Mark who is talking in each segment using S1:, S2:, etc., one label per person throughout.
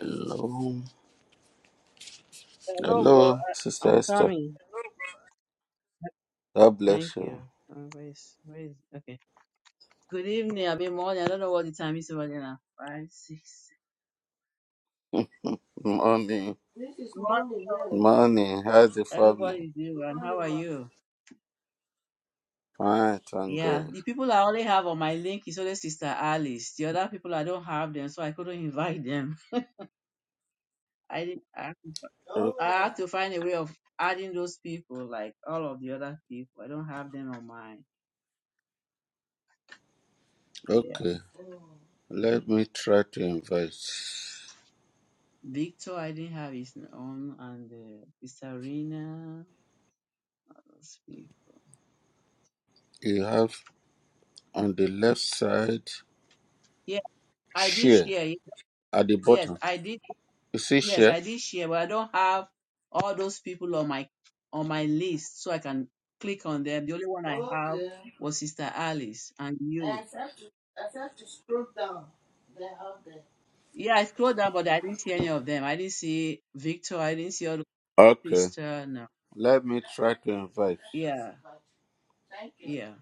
S1: Hello,
S2: Hello, bro.
S1: hello,
S2: I- I'm
S1: Sister Esther.
S2: coming.
S1: God bless
S2: Thank
S1: you.
S2: you. Uh, where is, where is, okay. Good evening, I mean morning. I don't know what the time is over there now. Five, six.
S1: Morning,
S2: What
S1: morning. How's the family?
S2: everybody is doing, and how are you?
S1: Fine, thank
S2: Yeah,
S1: God.
S2: the people I only have on my link is only Sister Alice. The other people I don't have them, so I couldn't invite them. I didn't. I had to, fi- I
S1: O-
S2: had to find a way of adding those people, like all of the other people. I don't have them on my yeah.
S1: Okay, let me try to invite.
S2: Victor, I didn't have his own, and uh, Sister Rena. those people.
S1: You have on the left side
S2: I did
S1: share
S2: share. it.
S1: at the
S2: Yes,
S1: bottom.
S2: I did.
S1: You see
S2: Yes,
S1: share?
S2: I did share, but I don't have all those people on my on my list, so I can click on them. The only one I have was Sister Alice and you. Yeah, I scrolled down, but I didn't see any of them. I didn't see Victor. I didn't see all the
S1: Okay,
S2: sister. No.
S1: let me try to invite.
S2: Yeah, yeah.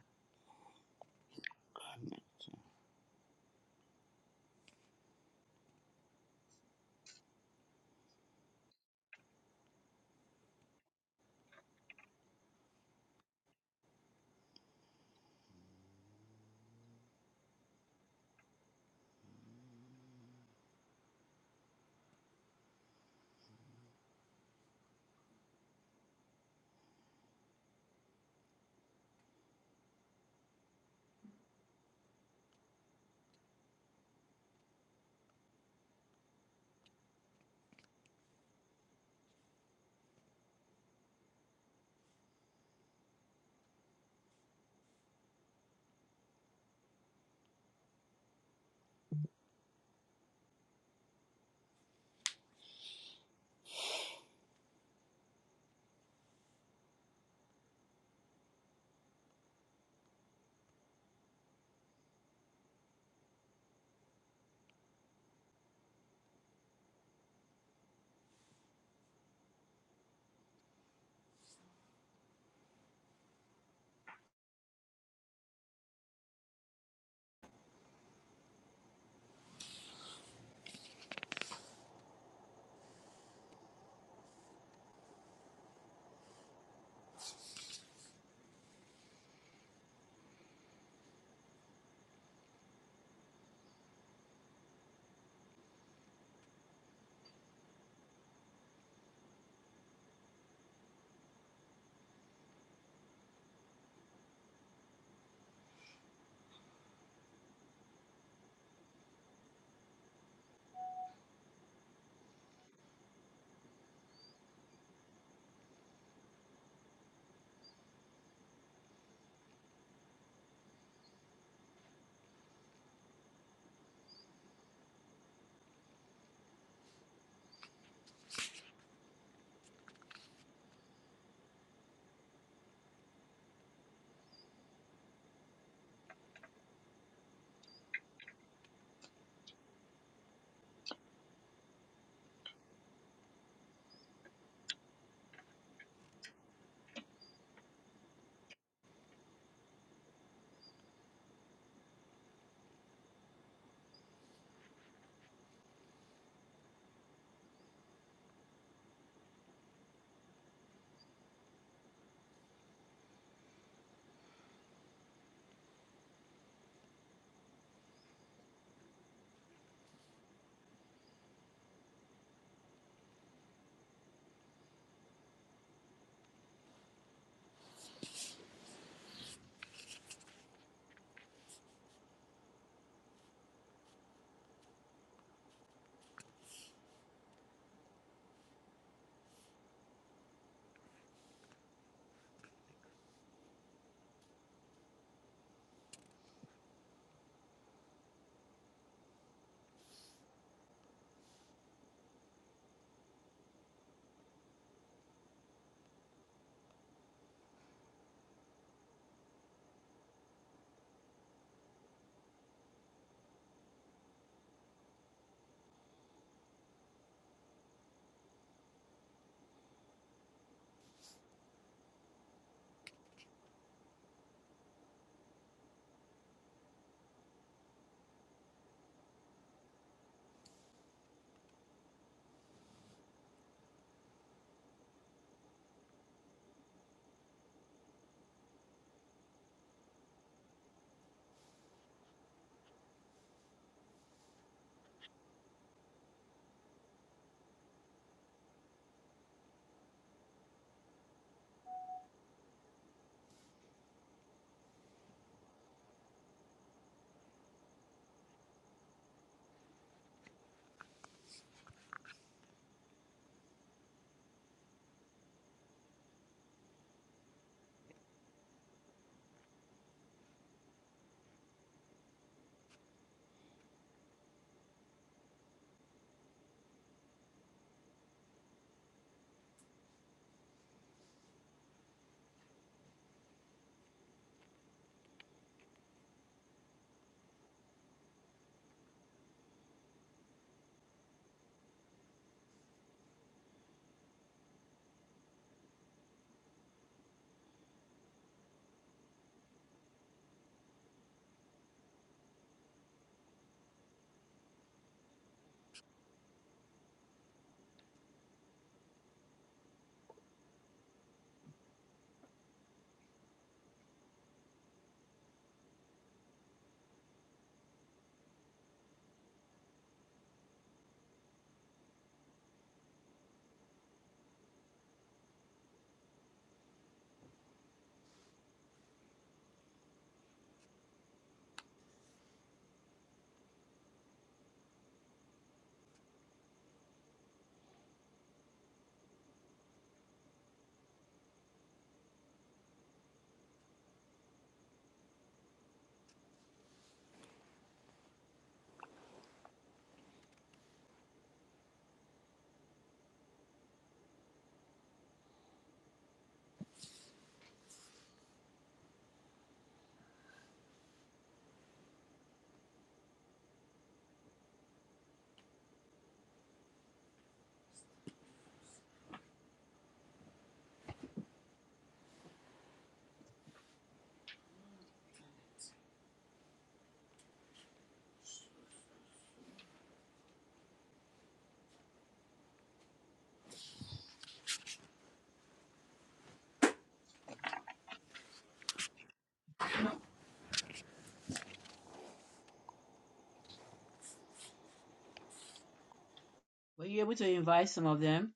S2: Were you able to invite some of them?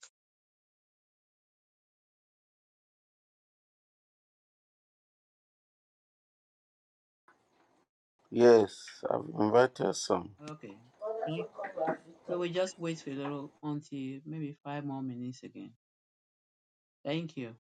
S1: Yes, I've invited some.
S2: Okay. Thank- So we just wait for a little until maybe five more minutes again. Thank you.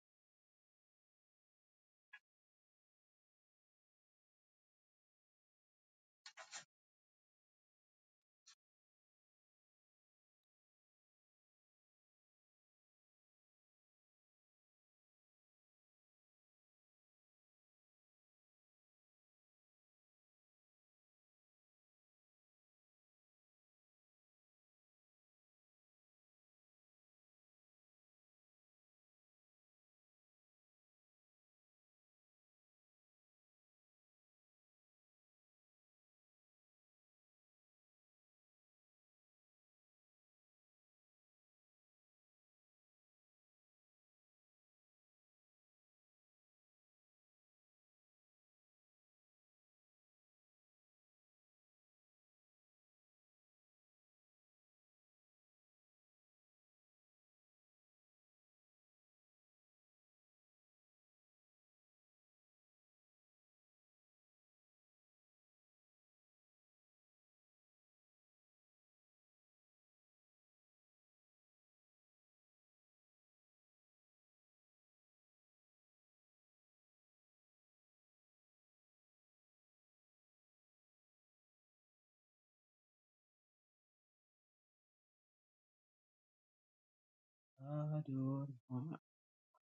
S2: Adonai.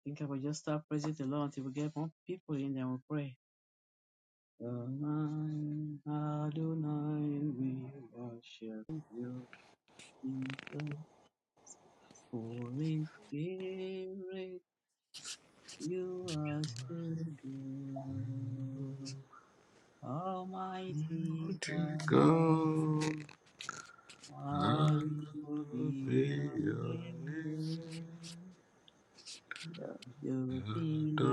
S2: think I will just start praising the Lord until we get more people in there. We pray. Adonai, Adonai, we worship you in the Holy Spirit. You are so good, Almighty
S1: To
S2: God.
S1: God,
S2: Hallelujah,
S1: be your name.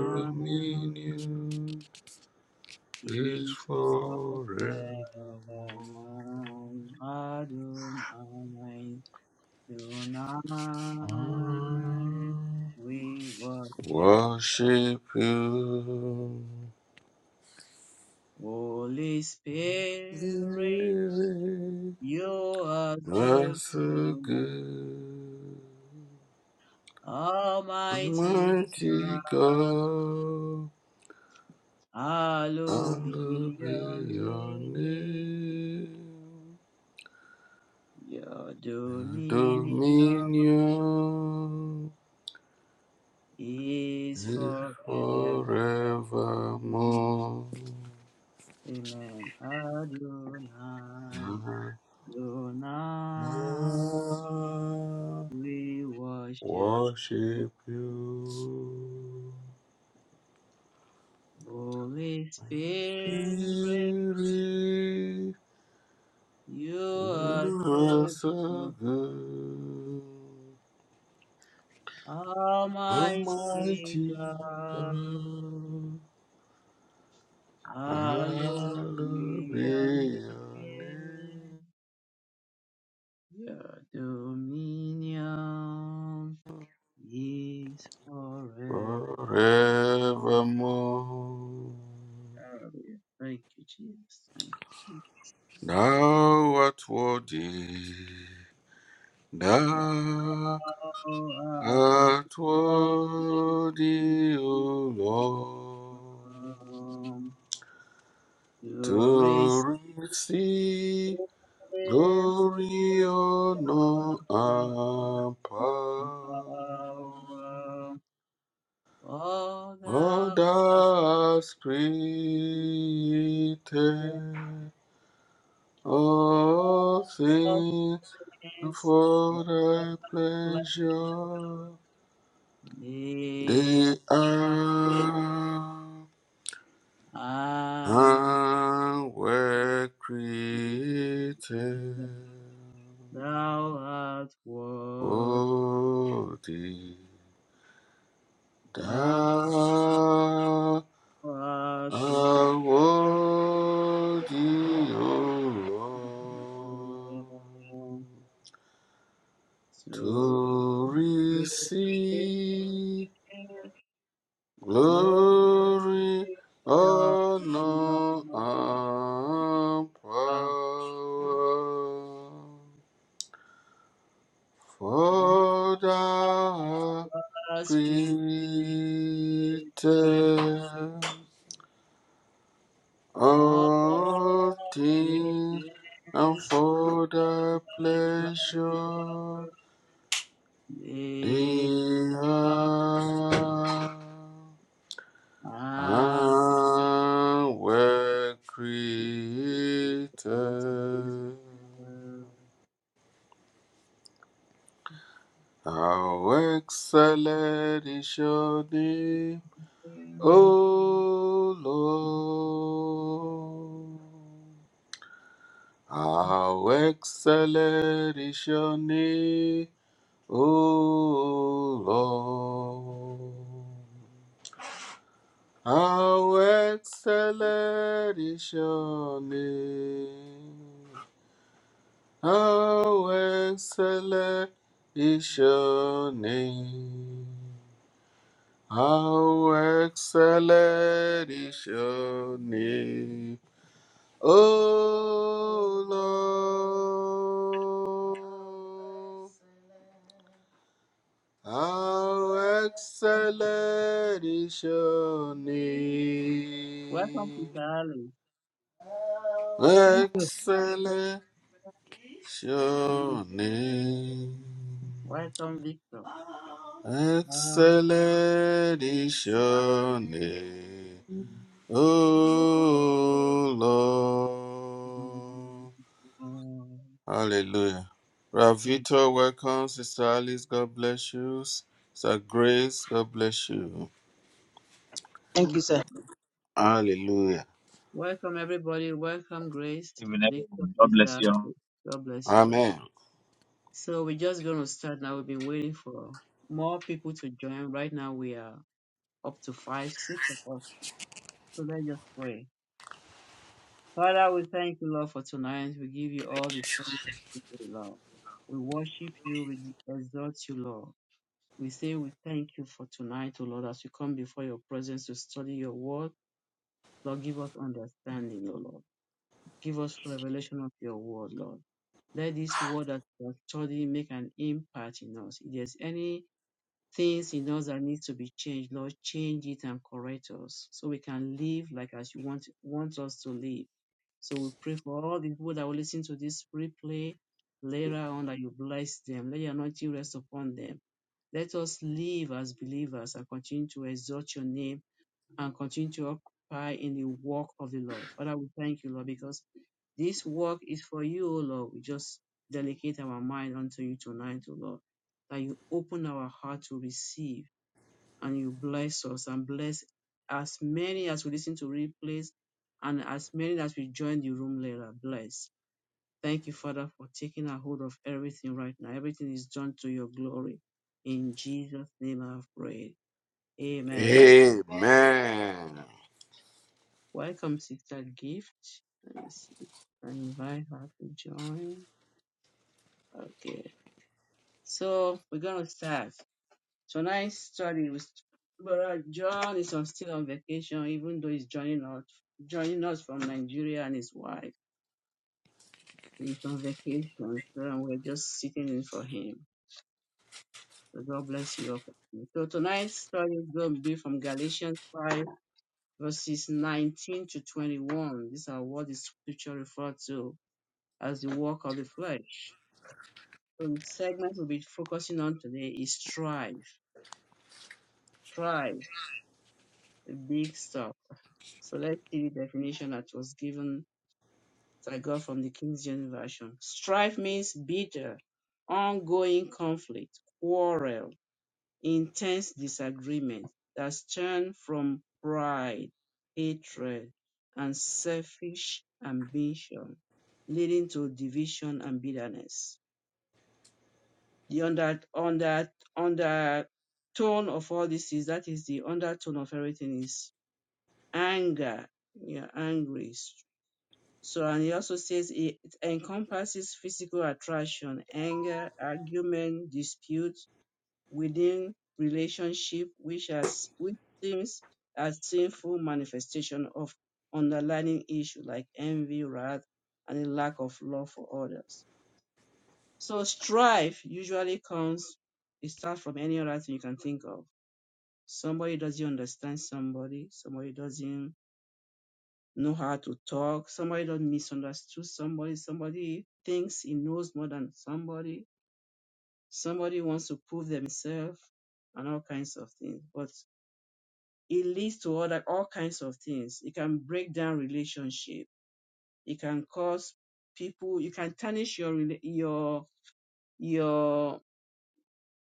S2: Hallelujah.
S1: is
S2: He
S1: forevermore.
S2: forevermore Adonai, Adonai,
S1: I
S2: we worship
S1: worship you.
S2: Holy Spirit,
S1: living,
S2: you are the
S1: That's a
S2: true
S1: good,
S2: Almighty
S1: mighty
S2: God,
S1: God.
S2: hallowed be
S1: Hallowed be
S2: your
S1: your
S2: name,
S1: name.
S2: your dominion
S1: Dominion
S2: is
S1: is
S2: forever.
S1: forevermore.
S2: Amen. Adonai, Adonai,
S1: I
S2: we worship you.
S1: worship you,
S2: Holy Spirit,
S1: Spirit.
S2: you are
S1: You are
S2: so
S1: so
S2: good.
S1: good,
S2: Almighty
S1: Almighty
S2: God,
S1: God.
S2: hallowed
S1: Hallowed
S2: be your
S1: be your
S2: name.
S1: name
S2: Your dominion is forevermore.
S1: forevermore.
S2: Hallelujah. Thank you, Jesus. Thank you, Jesus. Hallelujah.
S1: Thou art worthy, thou
S2: Oh, I want
S1: art worthy, O Lord,
S2: Um, to receive
S1: to receive
S2: every
S1: glory, honor, and power.
S2: power, all
S1: For
S2: the
S1: thou hast
S2: happiness,
S1: created
S2: all
S1: all
S2: the
S1: things
S2: things,
S1: for
S2: all
S1: thy pleasure. They
S2: the pleasure,
S1: are and were created
S2: I Thou art worthy.
S1: for thee.
S2: Thou
S1: Thou
S2: art worthy.
S1: art
S2: To
S1: worthy,
S2: be glory of
S1: O Lord,
S2: honor.
S1: to receive Glory, honor, and power for the
S2: On us
S1: created
S2: we give all things
S1: all things and for the
S2: like
S1: pleasure
S2: They
S1: they have.
S2: are
S1: And were
S2: Welcome,
S1: created. How excellent is your name, O Lord. How excellent is your name, O Lord. How excellent is your name. How excellent is your name. How excellent is your name. Oh Lord. How excellent is your
S2: to
S1: name.
S2: Alice.
S3: Thank
S1: Excellent is your name.
S2: Welcome, Victor. Um,
S1: Excellent is your name,
S3: you.
S1: O Lord. Hallelujah.
S2: Yeah,
S1: Ravito, welcome. Sister Alice, God bless you. Sister Grace, God bless you.
S3: Thank you,
S2: thank
S3: sir.
S2: you.
S1: Hallelujah.
S2: Welcome, everybody. Welcome, Grace,
S4: Even
S2: Victor,
S4: everyone. God bless
S2: Sister
S4: you. all.
S2: Alice. God bless you all.
S1: Amen.
S2: So, we're just going to start now. We've been waiting for more people to join. Right now, we are up to five, six of us. So, let's just pray. Father, we thank you, Lord, for tonight. We give you all the praise, and glory, Lord. We worship you. We exalt you, Lord. We say we thank you for tonight, O Lord, as we come before your presence to study your word. Lord, give us understanding, O Lord. Give us revelation of your word, Lord. Let this word that we are studying make an impact in us. If there's any things in us that needs to be changed. Lord, change it and correct us so we can live like as you want want us to live. So we pray for all the people that will listen to this replay later on that you bless them. Let your anointing rest upon them. Let us live as believers and continue to exalt your name and continue to occupy in the work of the Lord. Father, we thank you, Lord, because this work is for you, O Lord. We just dedicate our mind unto you tonight, O Lord, that you open our heart to receive and you bless us and bless as many as we listen to replays and as many as we join the room later. Bless. Thank you, Father, for taking a hold of everything right now. Everything is done to your glory. In Jesus' name I have prayed. Amen.
S1: Amen.
S2: Welcome, Sister Gift. Let me see. if invite her to join. Okay. So we're going to start. Tonight's study with Brother John is on, still on vacation, even though he's joining us, joining us from Nigeria and his wife. He's on vacation, so we're just sitting in for him. So God bless you. all. So tonight's study is going to be from Galatians 5, verses 19 to 21. These are what the scripture refer to as the work of the flesh. So the segment we'll be focusing on today is strife. Strife, the big stuff. So let's see the definition that was given that I got from the King James Version. Strife means bitter, ongoing conflict, quarrel, intense disagreement that stem from pride, hatred, and selfish ambition, leading to division and bitterness. The under under undertone of all this is that is the undertone of everything is anger. You're angry. So and he also says it encompasses physical attraction, anger, argument, dispute within relationship, which as which seems a sinful manifestation of underlying issue like envy, wrath, and a lack of love for others. So strife usually comes, it starts from any other thing you can think of. Somebody doesn't understand somebody, somebody doesn't know how to talk, somebody doesn't misunderstood somebody, somebody thinks he knows more than somebody, somebody wants to prove themselves and all kinds of things. But it leads to other all kinds of things. It can break down relationship. It can cause people you can tarnish your rela- your your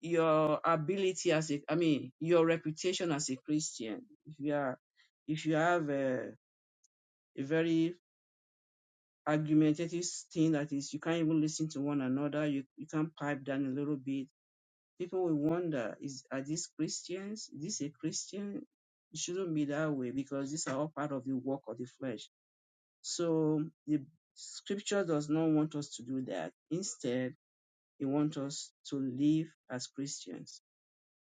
S2: your ability as a, I mean, your reputation as a Christian. If you are, if you have a, a very argumentative thing that is, you can't even listen to one another. You you can pipe down a little bit. People will wonder, is are these Christians? Is this a Christian? It shouldn't be that way because these are all part of the work of the flesh. So the Scripture does not want us to do that. Instead, it wants us to live as Christians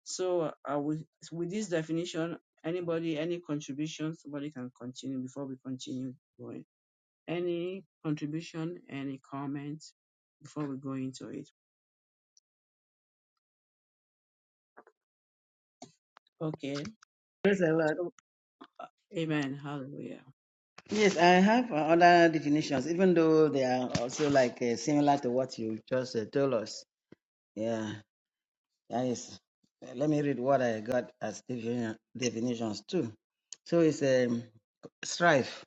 S2: So uh, with, with this definition, anybody, any contribution, somebody can continue before we continue going. Any contribution, any comment before we go into it. Okay.
S3: Praise the Lord.
S2: So, uh, amen. Hallelujah.
S3: Yes, I have uh, other definitions, even though they are also like uh, similar to what you just uh, told us. Yeah, that is. Uh, Let me read what I got as defini- definitions too. So it's um, strife.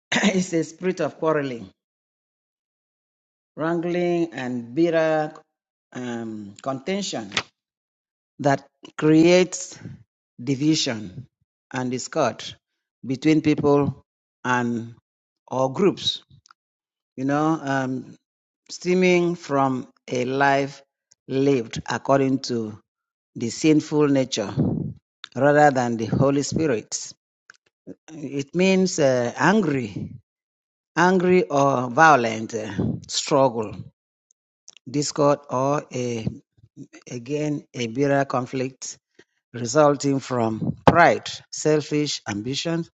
S3: it's a spirit of quarreling, wrangling, and bitter um, contention. that creates division and discord between people and or groups, you know, um, stemming from a life lived according to the sinful nature rather than the Holy Spirit. It means uh, angry, angry or violent uh, struggle, discord, or a, again a bitter conflict resulting from pride, selfish ambition,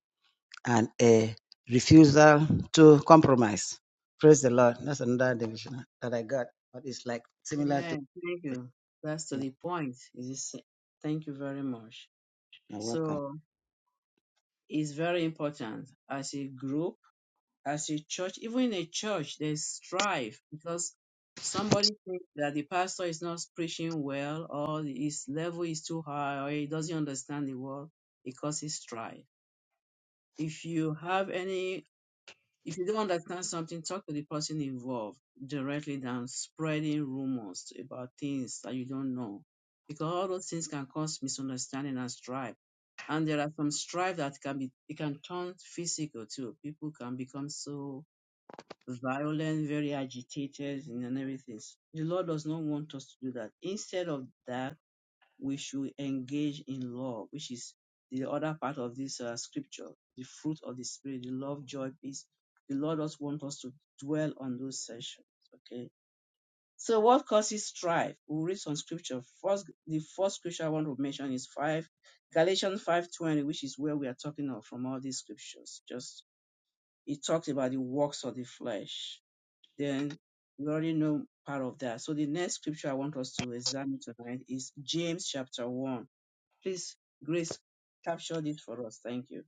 S3: and a refusal to compromise. Praise the Lord. That's another division that I got, but it's like similar to
S2: Amen. Thank you. That's to the point. It is, thank you very much.
S3: You're welcome.
S2: So it's very important as a group as a church, even in a church, there's strife because somebody thinks that the pastor is not preaching well or his level is too high or he doesn't understand the word. It causes strife. If you have any, if you don't understand something, talk to the person involved directly than spreading rumors about things that you don't know. Because all those things can cause misunderstanding and strife. And there are some strife that can be, it can turn physical too. People can become so violent, very agitated, and everything. The Lord does not want us to do that. Instead of that, we should engage in love, which is the other part of this uh, scripture, the fruit of the Spirit, the love, joy, peace. The Lord does want us to dwell on those sessions. Okay. So what causes strife? We'll read some scripture. First, the first scripture I want to mention is five Galatians five twenty, which is where we are talking of from all these scriptures. Just it talks about the works of the flesh then we already know part of that. So the next scripture I want us to examine tonight is James chapter 1. Please, Grace, capture this for us. Thank you.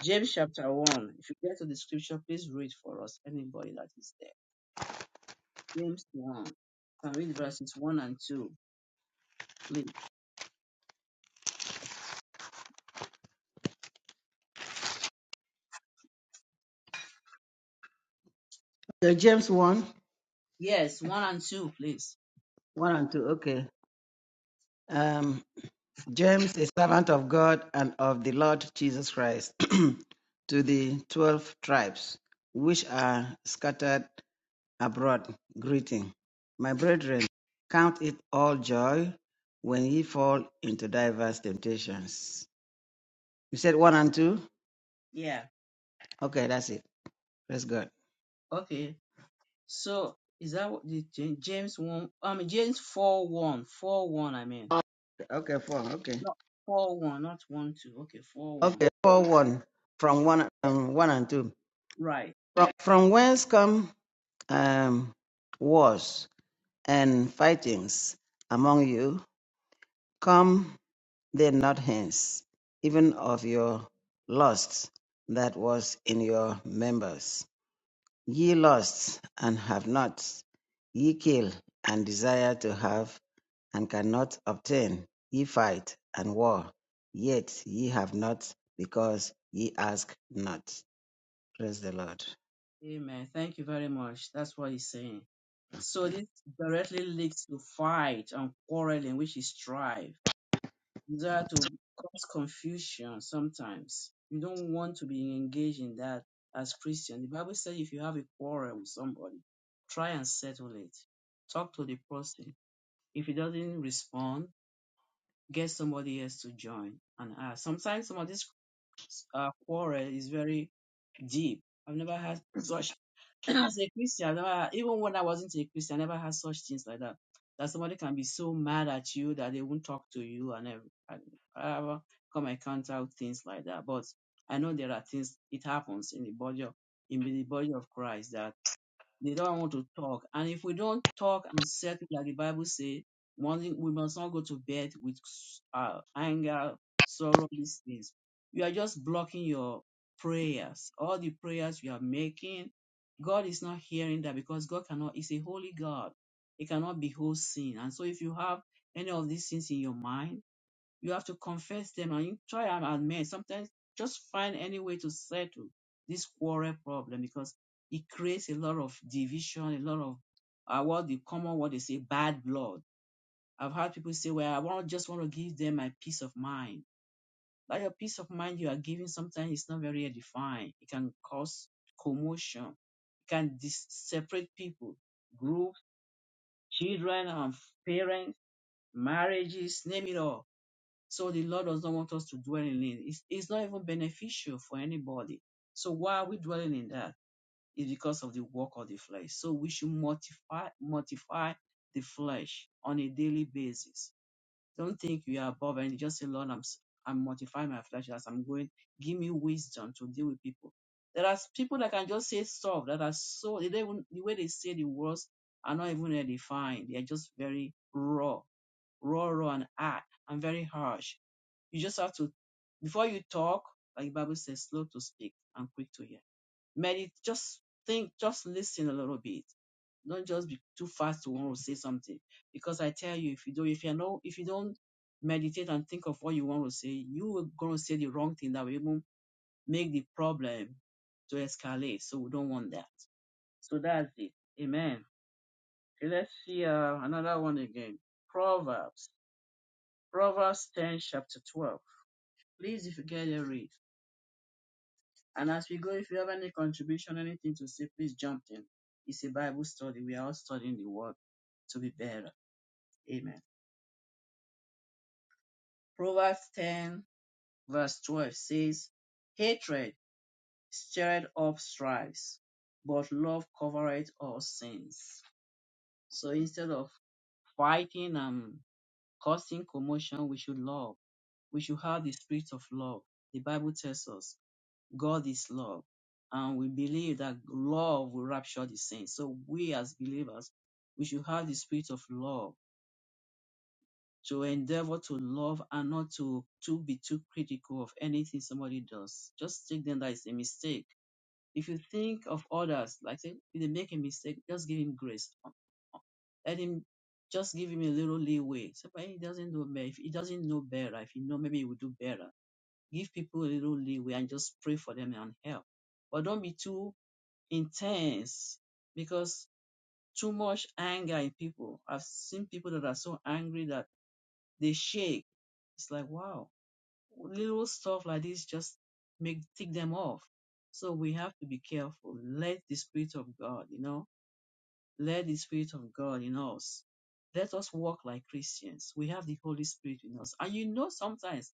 S2: James chapter 1. If you get to the scripture, please read for us, anybody that is there. James 1. Can read verses 1 and 2, please.
S3: Okay, James 1
S2: Yes, 1 and 2, please.
S3: 1 and 2. Okay. Um, James, a servant of God and of the Lord Jesus Christ, to the 12 tribes which are scattered abroad greeting. My brethren, count it all joy when ye fall into diverse temptations. You said one and two?
S2: Yeah.
S3: Okay, that's it. That's good.
S2: Okay. So is that what the Ja- James 1? I mean, James 4 1. 4 1, I mean.
S3: Okay, four. Okay.
S2: not 4 1, not 1 2. Okay, 4 1.
S3: Okay, four one
S2: Yeah.
S3: from one um, one and two.
S2: Right.
S3: From, from whence come um, wars and fightings among you? Come they not hence, even of your lust that was in your members. Ye lust, and have not; ye kill, and desire to have, and cannot obtain; ye fight, and war, yet ye have not, because ye ask not. Praise the Lord.
S2: Amen. Thank you very much. That's what he's saying. So this directly leads to fight and quarreling, which is strife. These are to cause confusion sometimes. You don't want to be engaged in that as Christian. The Bible says if you have a quarrel with somebody, try and settle it. Talk to the person. If he doesn't respond, get somebody else to join and ask. Sometimes some of this uh, quarrel is very deep. I've never had such as a Christian, I never, even when I wasn't a Christian, I never had such things like that. That somebody can be so mad at you that they won't talk to you and every- and I ever come encounter things like that. But I know there are things it happens in the body of in the body of Christ that they don't want to talk. And if we don't talk and settle, like the Bible says, one, we must not go to bed with uh, anger, sorrow, these things. You are just blocking your prayers. All the prayers you are making, God is not hearing that because God cannot, He's a holy God. He cannot behold sin. And so if you have any of these things in your mind, you have to confess them and you try and admit. Sometimes just find any way to settle this quarrel problem because it creates a lot of division, a lot of uh, what the common what they say, bad blood. I've heard people say, well, I want, just want to give them my peace of mind. But your peace of mind you are giving sometimes is not very defined. It can cause commotion. It can dis- separate people, groups, children and parents, marriages, name it all so the Lord does not want us to dwell in it. It's, it's not even beneficial for anybody. So why are we dwelling in that? It's because of the work of the flesh. So we should mortify, mortify the flesh on a daily basis. Don't think you are above and just say, Lord, I'm, s- I'm mortifying my flesh as I'm going. Give me wisdom to deal with people. There are s- people that can just say stuff that are so, they don't even, the way they say the words are not even redefined. They are just very raw raw, raw, and hard and very harsh. You just have to, before you talk, like the Bible says, slow to speak and quick to hear. Meditate, just think, just listen a little bit. Don't just be too fast to want to say something. Because I tell you, if you don't, if you know, if you don't meditate and think of what you want to say, you are going to say the wrong thing that will even make the problem to escalate. So we don't want that. So that's it. Amen. Okay, let's see uh, another one again. Proverbs Proverbs 10, chapter 12. Please, if you get it, read. And as we go, if you have any contribution, anything to say, please jump in. It's a Bible study. We are all studying the word to be better. Amen. Proverbs 10, verse 12 says, Hatred stirred up strife, but love covereth all sins. So instead of fighting and causing commotion, we should love. We should have the spirit of love. The Bible tells us. God is love. And we believe that love will rapture the saints. So we as believers, we should have the spirit of love to endeavor to love and not to, to be too critical of anything somebody does. Just take them that it's a mistake. If you think of others, like say, if they make a mistake, just give him grace. Let him just give him a little leeway. Say, but he doesn't know better. If he doesn't know better, if he know maybe he will do better. Give people a little leeway and just pray for them and help. But don't be too intense because too much anger in people. I've seen people that are so angry that they shake. It's like, wow, little stuff like this just make tick them off. So we have to be careful. Let the Spirit of God, you know, let the Spirit of God in us. Let us walk like Christians. We have the Holy Spirit in us. And you know, sometimes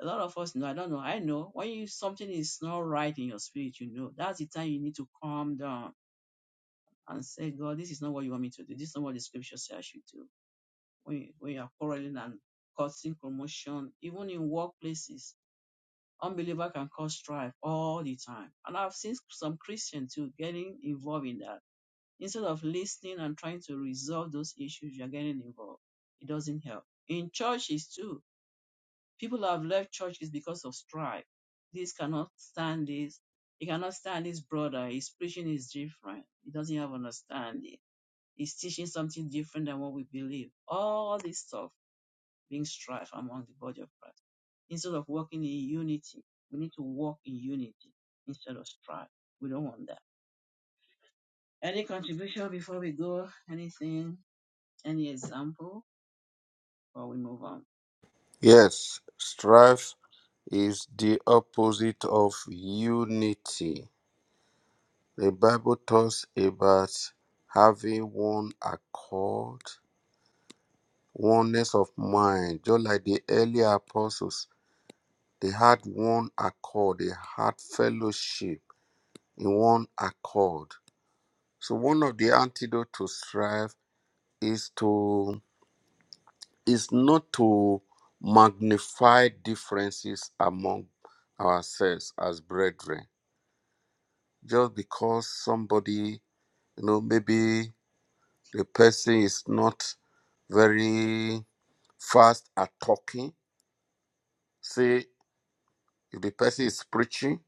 S2: a lot of us know, I don't know, I know, when you, something is not right in your spirit, you know, that's the time you need to calm down and say, God, this is not what you want me to do. This is not what the scripture says I should do. When you, when you are quarreling and causing commotion, even in workplaces, unbeliever can cause strife all the time. And I've seen some Christians too getting involved in that. Instead of listening and trying to resolve those issues, you're getting involved. It doesn't help. In churches too, people have left churches because of strife. This cannot stand this. He cannot stand his brother. His preaching is different. He doesn't have understanding is teaching something different than what we believe. All this stuff brings strife among the body of Christ. Instead of working in unity, we need to walk in unity instead of strife. We don't want that. Any contribution before we go? Anything? Any example? Or we move on?
S1: Yes, strife is the opposite of unity. The Bible talks about having one accord, oneness of mind, just like the earlier apostles. They had one accord, they had fellowship in one accord. So one of the antidote to strife is to is not to magnify differences among ourselves as brethren. Just because somebody, you know, maybe The person is not very fast at talking. Say, if the person is preaching,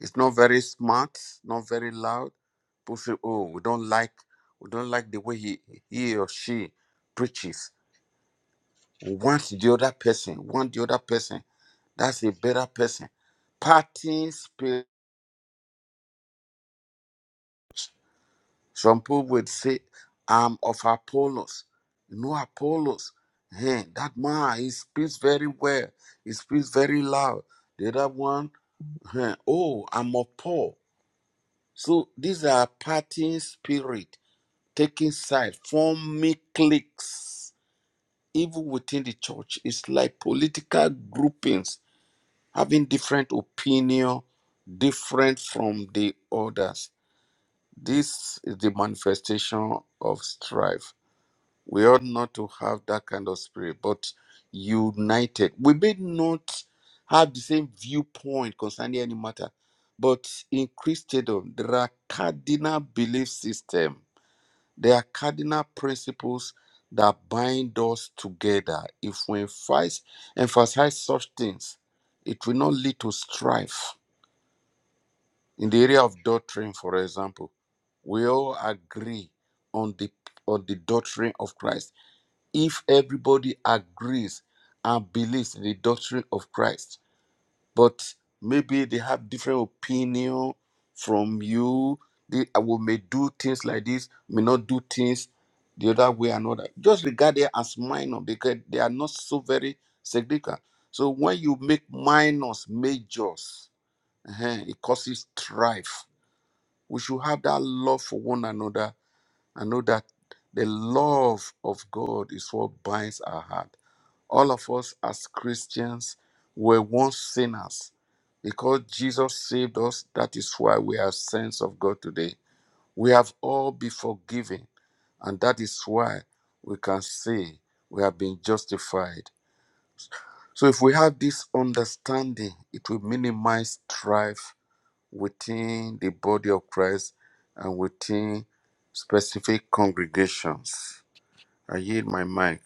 S1: it's not very smart, not very loud. People say, "Oh, we don't like, we don't like the way he he or she preaches." We Want the other person, want the other person. That's a better person. Party spirit. Some people would say, I'm of Apollos. No Apollos. Hey, that man, he speaks very well. He speaks very loud. The other one, hey, oh, I'm of Paul. So these are partying spirit, taking side, forming cliques. Even within the church, it's like political groupings having different opinion, different from the others. This is the manifestation of strife. We ought not to have that kind of spirit, but united. We may not have the same viewpoint concerning any matter, but in Christendom, there are cardinal belief systems. There are cardinal principles that bind us together. If we emphasize, emphasize such things, it will not lead to strife. In the area of doctrine, for example, we all agree on the on the doctrine of Christ if everybody agrees and believes in the doctrine of Christ, but maybe they have different opinion from you. They uh, will may do things like this, may not do things the other way and other. Just regard it as minor because they are not so very significant. So when you make minors majors, eh, it causes strife. We should have that love for one another and know that the love of God is what binds our heart all of us as Christians were once sinners. Because Jesus saved us, that is why we are sons of God today. We have all been forgiven, and that is why we can say we have been justified. So, if we have this understanding, it will minimize strife within the body of Christ and within specific congregations. I yield my mic.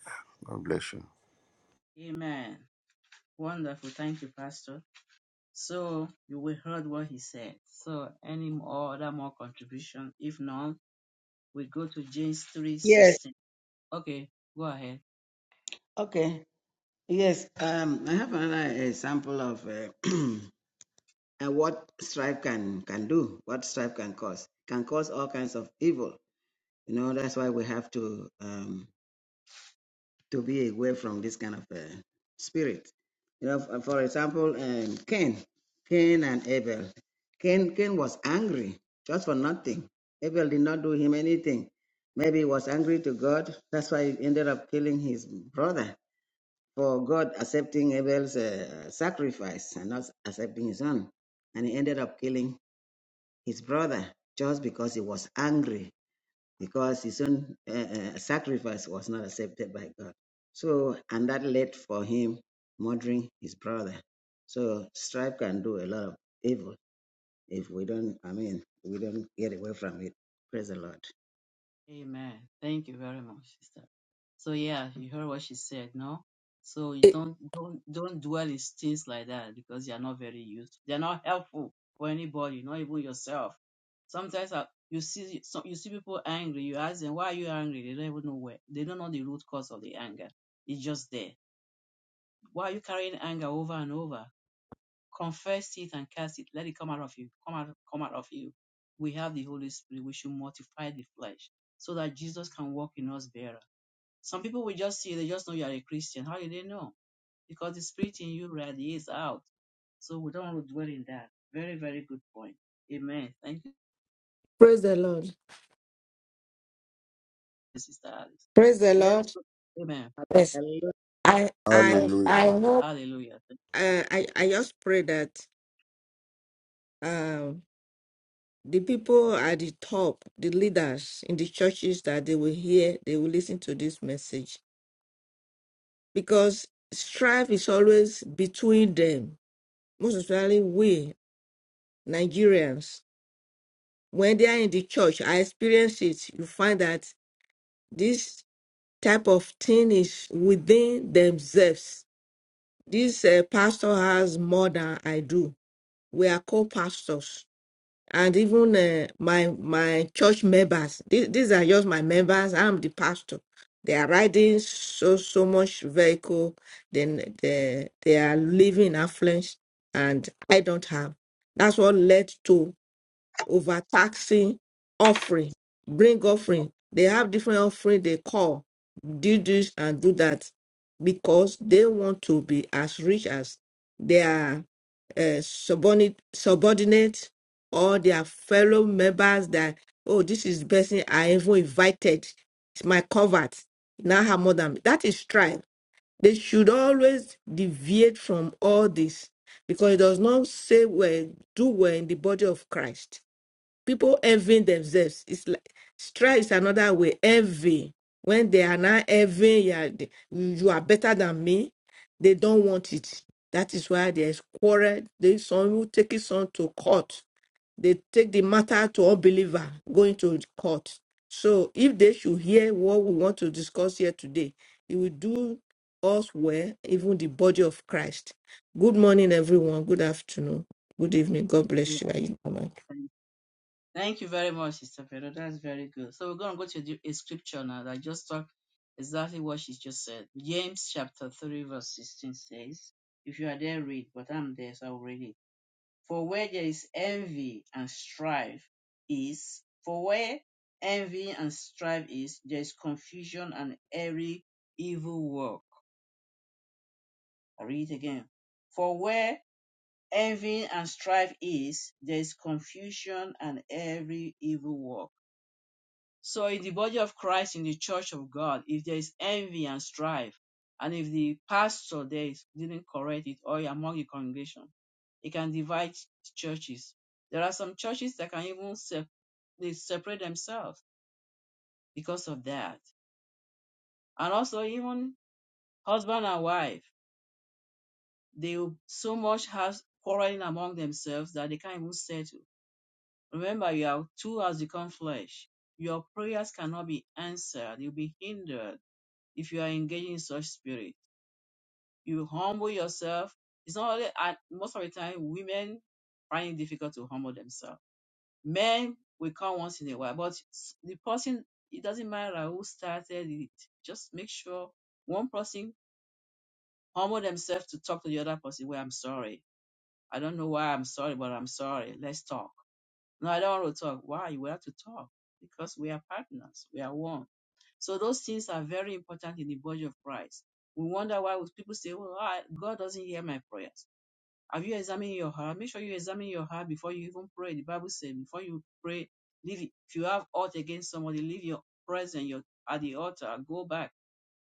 S1: God bless you.
S2: Amen. Wonderful. Thank you, Pastor. So you will heard what he said. So any more other more contribution? If none, we go to James three
S3: Yes.
S2: sixteen. Okay, go ahead.
S3: Okay. Yes. Um, I have another example of uh, uh, what strife can can do, what strife can cause. Can cause all kinds of evil. You know, that's why we have to. Um, to be away from this kind of uh, spirit. You know, f- for example, um, Cain, Cain and Abel. Cain, Cain was angry just for nothing. Abel did not do him anything. Maybe he was angry to God. That's why he ended up killing his brother for God accepting Abel's uh, sacrifice and not accepting his own. And he ended up killing his brother just because he was angry because his own uh, uh, sacrifice was not accepted by God. So, and that led for him murdering his brother. So, strife can do a lot of evil if we don't, I mean, we don't get away from it. Praise the Lord.
S2: Amen. Thank you very much, sister. So yeah, you heard what she said, no? So you
S5: Eh,
S2: don't don't don't dwell in things like that because they are not very useful. They are not helpful for anybody, not even yourself. Sometimes uh, you see so you see people angry. You ask them why are you angry? They don't even know where. They don't know the root cause of the anger. It's just there. Why are you carrying anger over and over? Confess it and cast it. Let it come out of you. Come out, come out of you. We have the Holy Spirit. We should mortify the flesh so that Jesus can walk in us better. Some people will just see, they just know you are a Christian. How do they know? Because the spirit in you radiates out. So we don't want to dwell in that. Very, very good point. Amen. Thank you,
S5: Praise the Lord.
S2: Sister Alice.
S5: Praise the
S2: Let's
S5: Lord.
S2: go. Amen.
S5: Yes,
S3: Hallelujah.
S5: I
S2: God.
S5: I I
S1: Hallelujah.
S5: hope
S2: Hallelujah. Thank
S5: uh, I I just pray that um the people at the top, the leaders in the churches, that they will hear, they will listen to this message because strife is always between them. Most especially we Nigerians, when they are in the church, I experience it. You find that this type of thing is within themselves This uh, pastor has more than I do. We are co-pastors, and even uh, my my church members. These, these are just my members. I'm the pastor. They are riding so so much vehicle. Then they they are living in affluence, and I don't have. That's what led to overtaxing offering, bring offering. They have different offering they call do this and do that because they want to be as rich as their uh, subordinate, subordinate or their fellow members that, oh, this is the person I even invited. It's my covert. Now her mother. That is strife. They should always deviate from all this because it does not say well, do well in the body of Christ people envying themselves. It's like strife is another way. Envy. When they are not envying, you are, you are better than me. They don't want it. That is why there is quarrel. They some will take it some to court. They take the matter to unbeliever going to court. So if they should hear what we want to discuss here today, it will do us well, even the body of Christ. Good morning, everyone. Good afternoon. Good evening. God bless
S2: you.
S5: you.
S2: Thank you very much, Sister Pedro. That's very good. So we're going to go to the, a scripture now that just talk exactly what she just said. James chapter 3 verse 16 says, if you are there, read, but I'm there, so I'll read it. For where there is envy and strife is, for where envy and strife is, there is confusion and every evil work. I read it again. For where envy and strife is, there is confusion and every evil work. So in the body of Christ, in the church of God, if there is envy and strife, and if the pastor there is, didn't correct it, or among the congregation, it can divide churches. There are some churches that can even se they separate themselves because of that. And also even husband and wife, they so much have quarreling among themselves that they can't even settle. Remember, you are two has become flesh. Your prayers cannot be answered. You'll be hindered if you are engaging in such spirit. You humble yourself. It's not only and most of the time women find it difficult to humble themselves. Men will come once in a while, but s- the person it doesn't matter who started it. Just make sure one person humble themselves to talk to the other person. Well, I'm sorry. I don't know why I'm sorry, but I'm sorry. Let's talk No, I don't want to talk. Why? We have to talk because we are partners. We are one. So those things are very important in the body of Christ. We wonder why people say, "Well, I, God doesn't hear my prayers." Have you examined your heart? Make sure you examine your heart before you even pray. The Bible says before you pray, leave it. If you have ought against somebody, leave your presence your, at the altar. Go back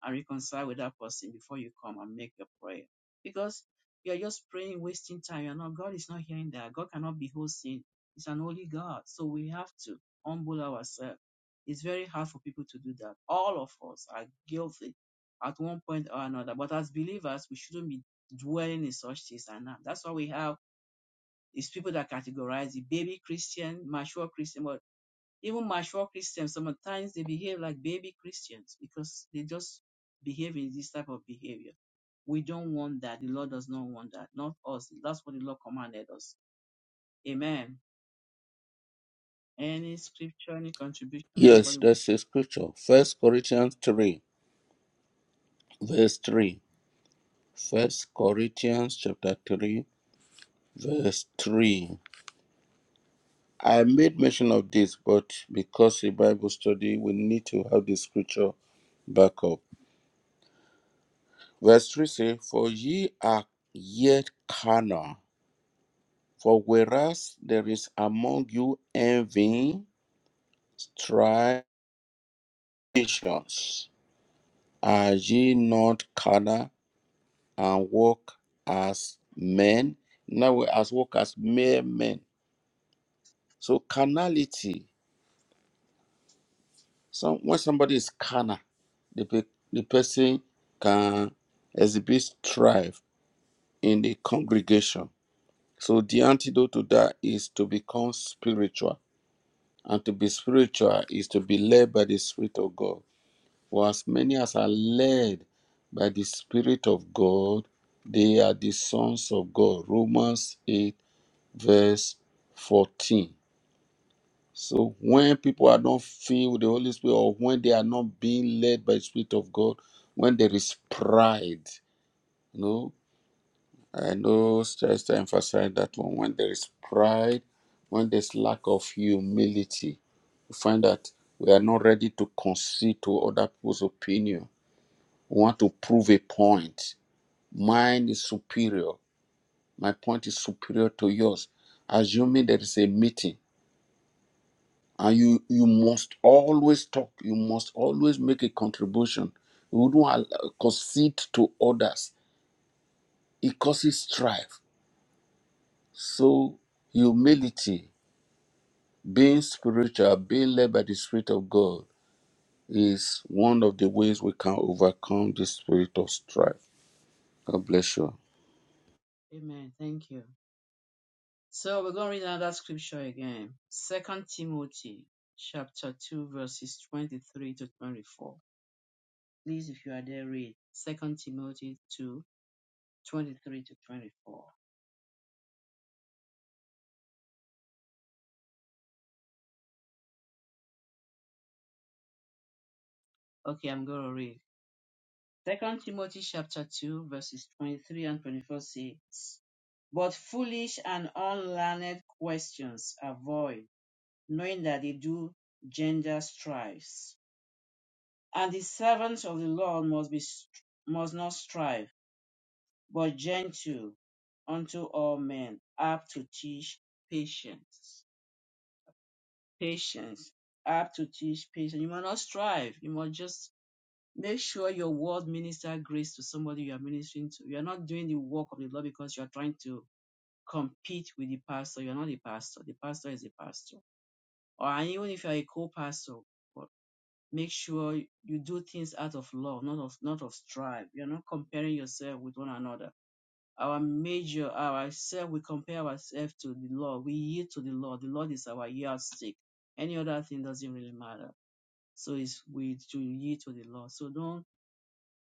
S2: and reconcile with that person before you come and make your prayer. Because you are just praying, wasting time. You're not, God is not hearing that. God cannot behold sin. It's an holy God. So we have to humble ourselves. It's very hard for people to do that. All of us are guilty at one point or another. But as believers, we shouldn't be dwelling in such things and now. That's why we have these people that categorize the baby Christian, mature Christian, but even mature Christians, sometimes they behave like baby Christians because they just behave in this type of behavior. We don't want that. The Lord does not want that. Not us. That's what the Lord commanded us. Amen. Any scripture, any contribution,
S1: Yes,
S2: anybody?
S1: that's a scripture. First Corinthians three, verse three. First Corinthians chapter three, verse three. I made mention of this, but because a Bible study, we need to have the scripture back up. Verse three says, "For ye are yet carnal, for whereas there is among you envy, strife, divisions, are ye not carnal?" and walk as men, now we as walk as mere men. So carnality. Some when somebody is carnal, the pe- the person can exhibit strife in the congregation. So the antidote to that is to become spiritual, and to be spiritual is to be led by the Spirit of God. For as many as are led by the Spirit of God, they are the sons of God. Romans eight. verse 14. So when people are not filled with the Holy Spirit or when they are not being led by the Spirit of God, when there is pride, you know, I know just to emphasize that one. When there is pride, when there's lack of humility, we find that we are not ready to concede to other people's opinion. We want to prove a point. Mine is superior. My point is superior to yours. Assuming there is a meeting and you you must always talk you must always make a contribution you don't al- uh, concede to others it causes strife so humility being spiritual being led by the spirit of god is one of the ways we can overcome the spirit of strife god bless you
S2: Amen. Thank you. So we're going to read another scripture again. Second Timothy chapter 2 verses 23 to 24. Please, if you are there, read Second Timothy 2 23 to 24. Okay, I'm going to read. Second Timothy chapter 2, verses 23 and 24 says, But foolish and unlearned questions avoid, knowing that they do gender strifes. And the servants of the Lord must be must not strive, but gentle unto all men, apt to teach patience. patience. Apt to teach patience. You must not strive. You must just make sure your word minister grace to somebody you are ministering to. You are not doing the work of the Lord because you are trying to compete with the pastor. You are not the pastor. The pastor is the pastor. Or and even if you are a co-pastor, but make sure you do things out of love, not of not of strive. You are not comparing yourself with one another. Our major, ourselves, we compare ourselves to the Lord. We yield to the Lord. The Lord is our yardstick any other thing doesn't really matter. So it's with to yield to the Lord. So don't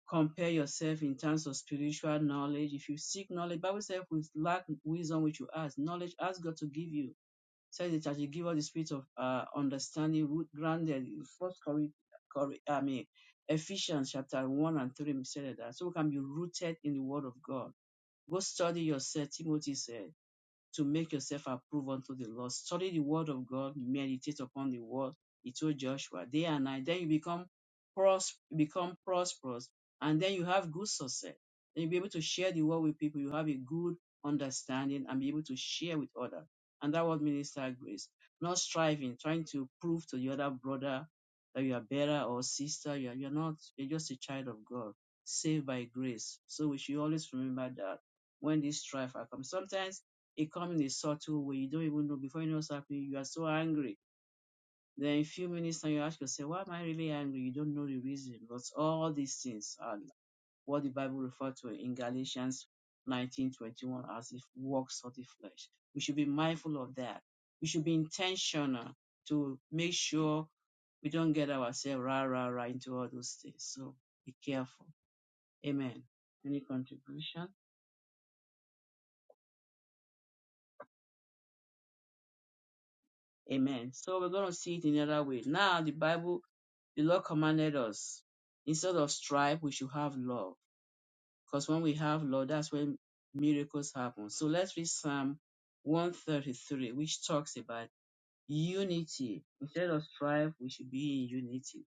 S2: compare yourself in terms of spiritual knowledge. If you seek knowledge, Bible says we lack wisdom which you ask. Knowledge ask God to give you. Says the church, He give us the spirit of uh, understanding, root grounded. First Corinthians, I mean Ephesians chapter one and three said that. So we can be rooted in the Word of God. Go study yourself, Timothy said to make yourself approved unto the Lord. Study the word of God, meditate upon the word. He told Joshua, day and night. Then you become pros- become prosperous, and then you have good success. Then you'll be able to share the word with people. You have a good understanding and be able to share with others. And that was minister grace. Not striving, trying to prove to the other brother that you are better or sister. You are, you're not, you're just a child of God, saved by grace. So we should always remember that when this strife comes. Sometimes it comes in a subtle way. You don't even know. Before you know what's happening, you are so angry. Then in a few minutes time, you ask yourself, why am I really angry? You don't know the reason. But all these things are what the Bible refers to in Galatians 19:21 as if works of the flesh. We should be mindful of that. We should be intentional to make sure we don't get ourselves rah rah rah into all those things. So be careful. Amen. Any contribution? Amen. So we're going to see it in another way. Now, the Bible, the Lord commanded us instead of strife, we should have love. Because when we have love, that's when miracles happen. So let's read Psalm 133, which talks about unity. Instead of strife, we should be in unity.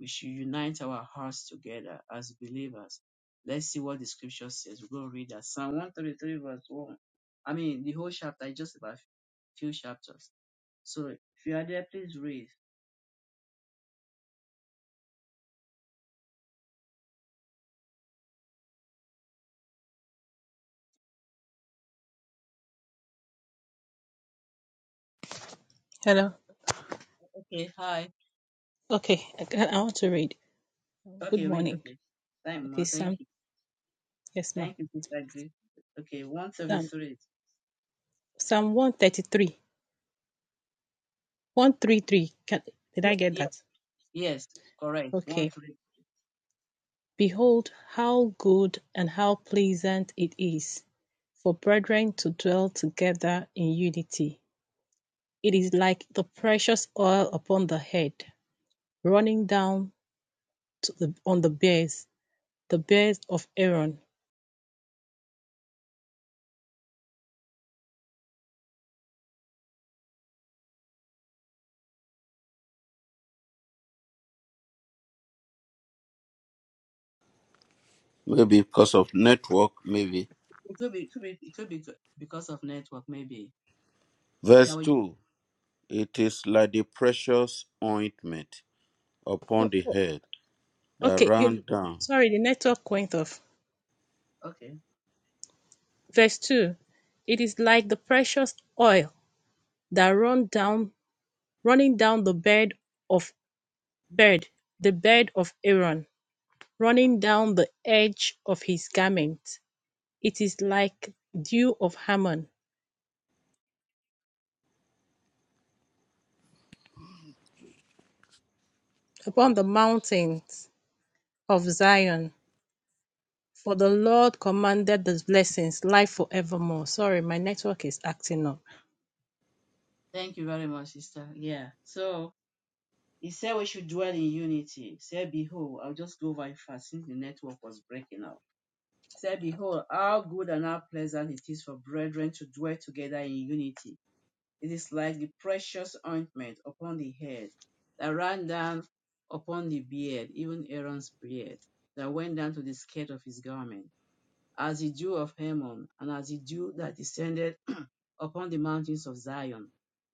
S2: We should unite our hearts together as believers. Let's see what the scripture says. We're going to read that. Psalm 133, verse 1. I mean, the whole chapter is just about few chapters. So if you are there, please raise.
S6: Hello.
S2: Okay, hi.
S6: Okay, I, can- I want to read. Good
S2: Okay, raise.
S6: morning.
S2: Okay. Thank
S6: Okay,
S2: ma. Thank
S6: Psalm.
S2: you.
S6: Yes, ma'am.
S2: Thank you, Sister Grace. Okay,
S6: Psalm.
S2: 173.
S6: Psalm 133. 133. Can, did
S2: Yeah,
S6: I get
S2: yeah.
S6: that?
S2: Yes, correct. One
S6: Okay.
S2: three.
S6: Behold, how good and how pleasant it is for brethren to dwell together in unity. It is like the precious oil upon the head, running down to the, on the bears, the bears of Aaron.
S1: maybe because of network maybe
S2: It could be, it could be, it could be c- because of network, maybe. Okay, I
S1: verse
S2: will just,
S1: 2 it is like the precious ointment upon
S6: Oh,
S1: the
S6: oh,
S1: head that
S6: okay, you.
S1: ran down
S6: Sorry, the network went off.
S2: okay.
S6: Verse 2 It is like the precious oil that run down running down the bed of bed, the bed of Aaron, running down the edge of his garment. It is like dew of Hammon upon the mountains of Zion. For the Lord commanded the blessings, life forevermore. Sorry, my network is acting up.
S2: Thank you very much, Sister. Yeah. So he said we should dwell in unity. Said, behold, I'll just go very fast since the network was breaking up. Said, behold, how good and how pleasant it is for brethren to dwell together in unity. It is like the precious ointment upon the head that ran down upon the beard, even Aaron's beard, that went down to the skirt of his garment, as the dew of Hermon, and as the dew that descended upon the mountains of Zion.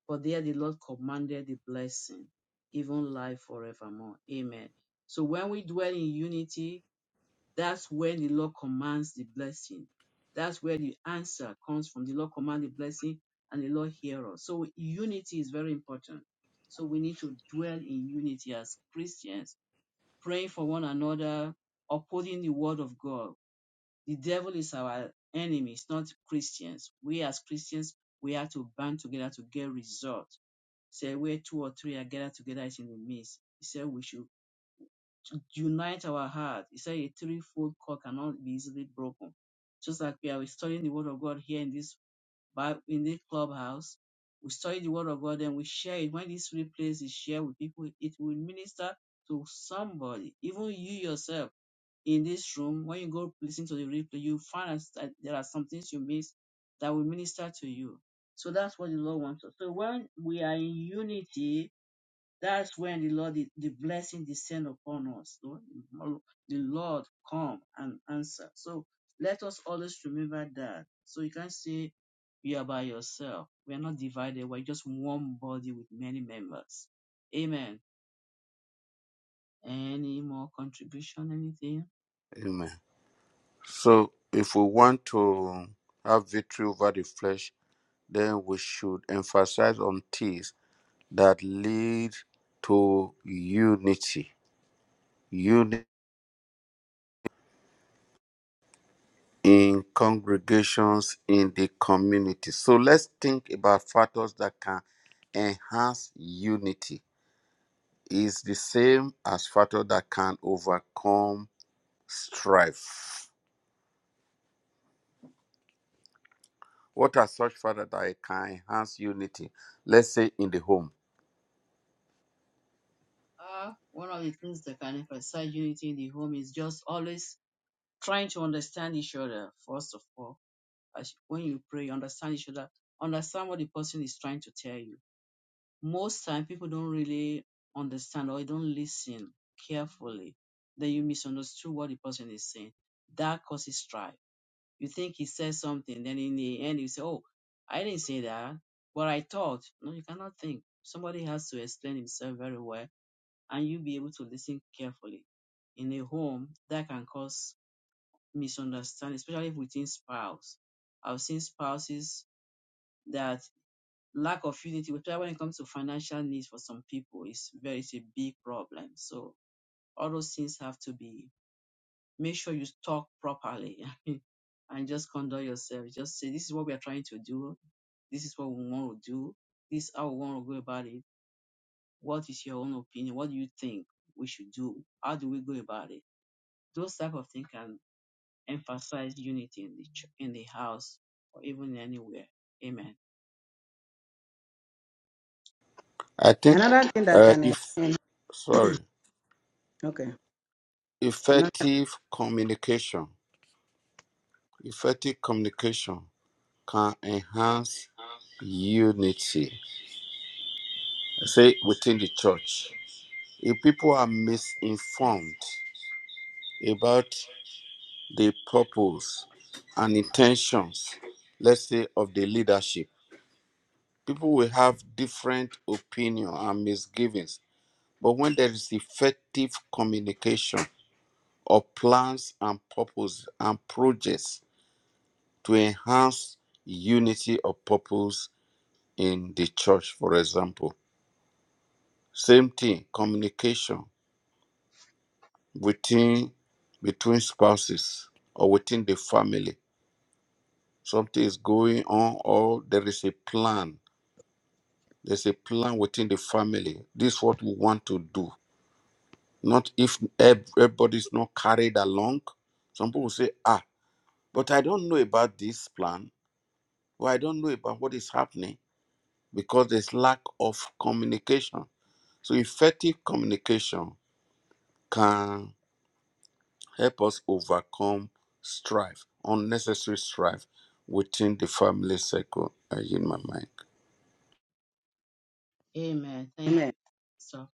S2: For there the Lord commanded the blessing, even life forevermore. Amen. So when we dwell in unity, that's where the Lord commands the blessing. That's where the answer comes from. The Lord commands the blessing and the Lord hears us. So unity is very important. So we need to dwell in unity as Christians, praying for one another, upholding the word of God. The devil is our enemy, it's not Christians. We as Christians, we have to band together to get results. Say where two or three are gathered together is in the midst. He said we should to unite our heart. He said a threefold cord cannot be easily broken. Just like we are studying the word of God here in this Bi- in this clubhouse, we study the word of God and we share it. When this replace is shared with people, it will minister to somebody, even you yourself in this room. When you go listen to the replay, you find out that there are some things you miss that will minister to you. So that's what the Lord wants us. So when we are in unity, that's when the Lord, the, the blessing descend upon us. Lord. The Lord come and answer. So let us always remember that. So you can't say you are by yourself. We are not divided. We're just one body with many members. Amen. Any more contribution, anything?
S1: amen So, if we want to have victory over the flesh, then we should emphasize on things that lead to unity, unity in congregations, in the community. So, let's think about factors that can enhance unity. Is the same as factors that can overcome strife. What are such factors that can enhance unity? Let's say in the home
S2: Uh, one of the things that can emphasize unity in the home is just always trying to understand each other, first of all. As, when you pray, understand each other. Understand what the person is trying to tell you most time people don't really understand or don't listen carefully, then you misunderstood what the person is saying. That causes strife. You think he says something, then in the end you say, "Oh, I didn't say that, but I thought." No, you cannot think. Somebody has to explain himself very well, and you be able to listen carefully. In a home, that can cause misunderstanding, especially within spouse. I've seen spouses that lack of unity, especially when it comes to financial needs for some people, is very is a big problem. So all those things have to be make sure you talk properly and just conduct yourself. Just say this is what we are trying to do, this is what we want to do, this is how we want to go about it. What is your own opinion? What do you think we should do? How do we go about it? Those type of things can emphasize unity in the ch- in the house or even anywhere. Amen.
S1: I think
S3: Another thing that
S1: uh,
S3: can,
S1: if
S3: en-
S1: sorry,
S3: okay, another,
S1: effective communication, effective communication can enhance unity. I Say within the church, if people are misinformed about the purpose and intentions, let's say of the leadership, people will have different opinion and misgivings. But when there is effective communication, of plans and purpose and projects to enhance unity of purpose in the church, for example. Same thing, communication within between spouses or within the family. Something is going on or there is a plan. There's a plan within the family. This is what we want to do. Not if ev- everybody's not carried along. Some people say, ah, but I don't know about this plan or I don't know about what is happening because there's lack of communication. So effective communication can help us overcome strife, unnecessary strife within the family circle. I in my mind.
S2: Amen. Thank
S3: amen.
S2: you. So.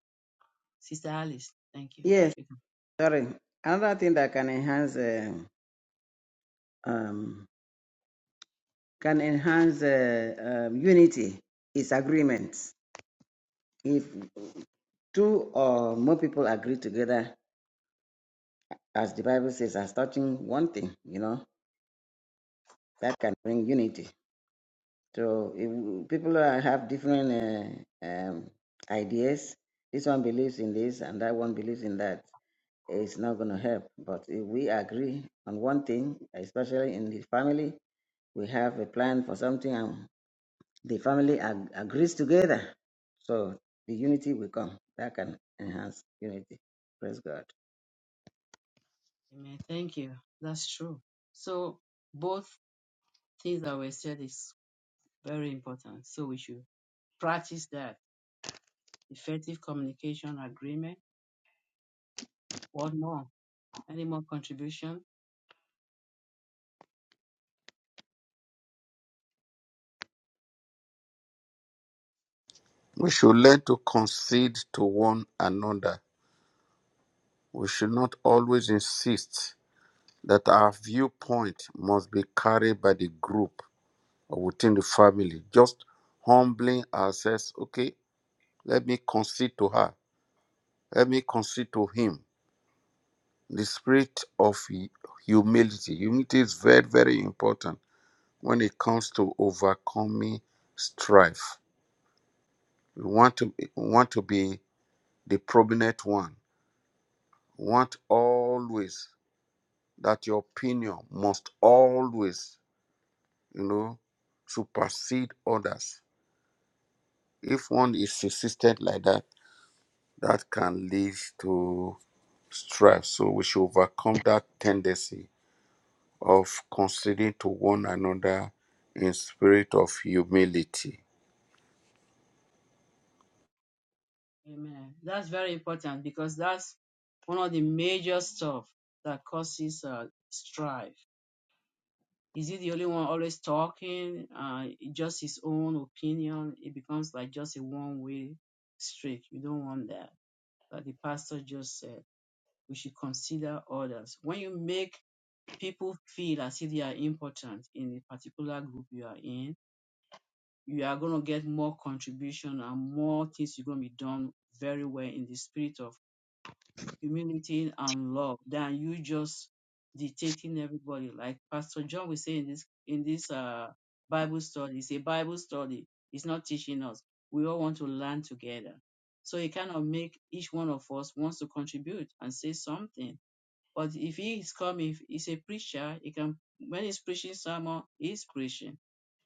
S2: Sister Alice, thank you.
S3: Yes,
S2: You can-
S3: sorry. Another thing that can enhance, uh, um, can enhance uh, um, unity is agreements. If two or more people agree together As the Bible says, as touching one thing, you know, that can bring unity. So if people are- have different uh, um, ideas. This one believes in this, and that one believes in that. It's not going to help. But if we agree on one thing, especially in the family, we have a plan for something, and the family ag- agrees together. So the unity will come. That can enhance unity. Praise God.
S2: Amen. Thank you. That's true. So both things that were said is very important. So we should practice that. Effective communication agreement. What more? Any more contribution?
S1: We should learn to concede to one another. We should not always insist that our viewpoint must be carried by the group or within the family. Just humbling ourselves, okay, let me concede to her, let me concede to him the spirit of humility. Humility is very, very important when it comes to overcoming strife. We want to we want to be the prominent one. We want always that your opinion must always, you know, supersede others. If one is persistent like that, that can lead to strife. So we should overcome that tendency of considering to one another in spirit of humility.
S2: Amen. That's very important because that's one of the major stuff that causes uh, strife. Is he the only one always talking? Uh, just his own opinion. It becomes like just a one-way street. You don't want that that the pastor just said. We should consider others. When you make people feel as if they are important in the particular group you are in, you are going to get more contribution and more things you're going to be done very well in the spirit of humility and love than you just dictating everybody. Like Pastor John will say in this in this uh Bible study, it's a Bible study. It's not teaching us. We all want to learn together. So it kind of make each one of us wants to contribute and say something. But if he is coming, if he's a preacher, he can when he's preaching someone, he's preaching.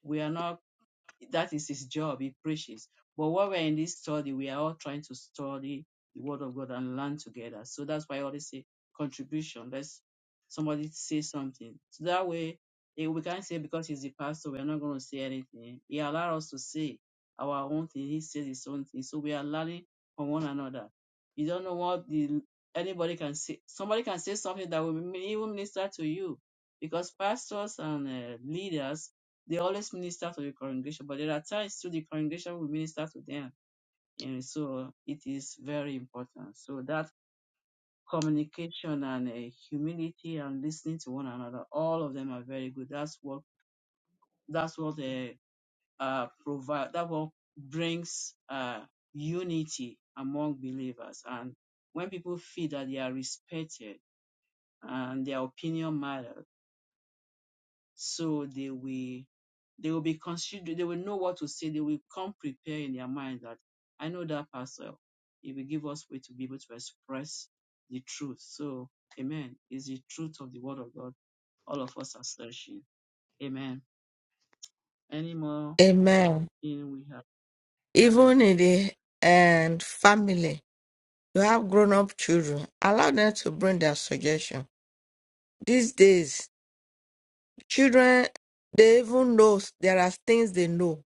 S2: We are not that is his job. He preaches. But while we're in this study, we are all trying to study the word of God and learn together. So that's why I always say contribution. Let's somebody say something. So that way eh, we can't say because he's the pastor, we're not going to say anything. He allowed us to say our own thing. He says his own thing. So we are learning from one another. You don't know what the anybody can say. Somebody can say something that will even minister to you because pastors and uh, leaders they always minister to the congregation, but there are times too the congregation will minister to them. And so it is very important. So that communication and uh, humility and listening to one another, all of them are very good. That's what that's what uh, uh, provide. That what brings uh, unity among believers. And when people feel that they are respected and their opinion matters So they will they will be considered they will know what to say. They will come prepare in their mind that I know that pastor. It will give us way to be able to express the truth. So amen. Is the truth of the word of God. All of us are searching. Amen. Any more
S5: Amen.
S2: in we have
S5: even
S2: amen.
S5: in the and family you have grown up children allow them to bring their suggestion these days children they even know there are things they know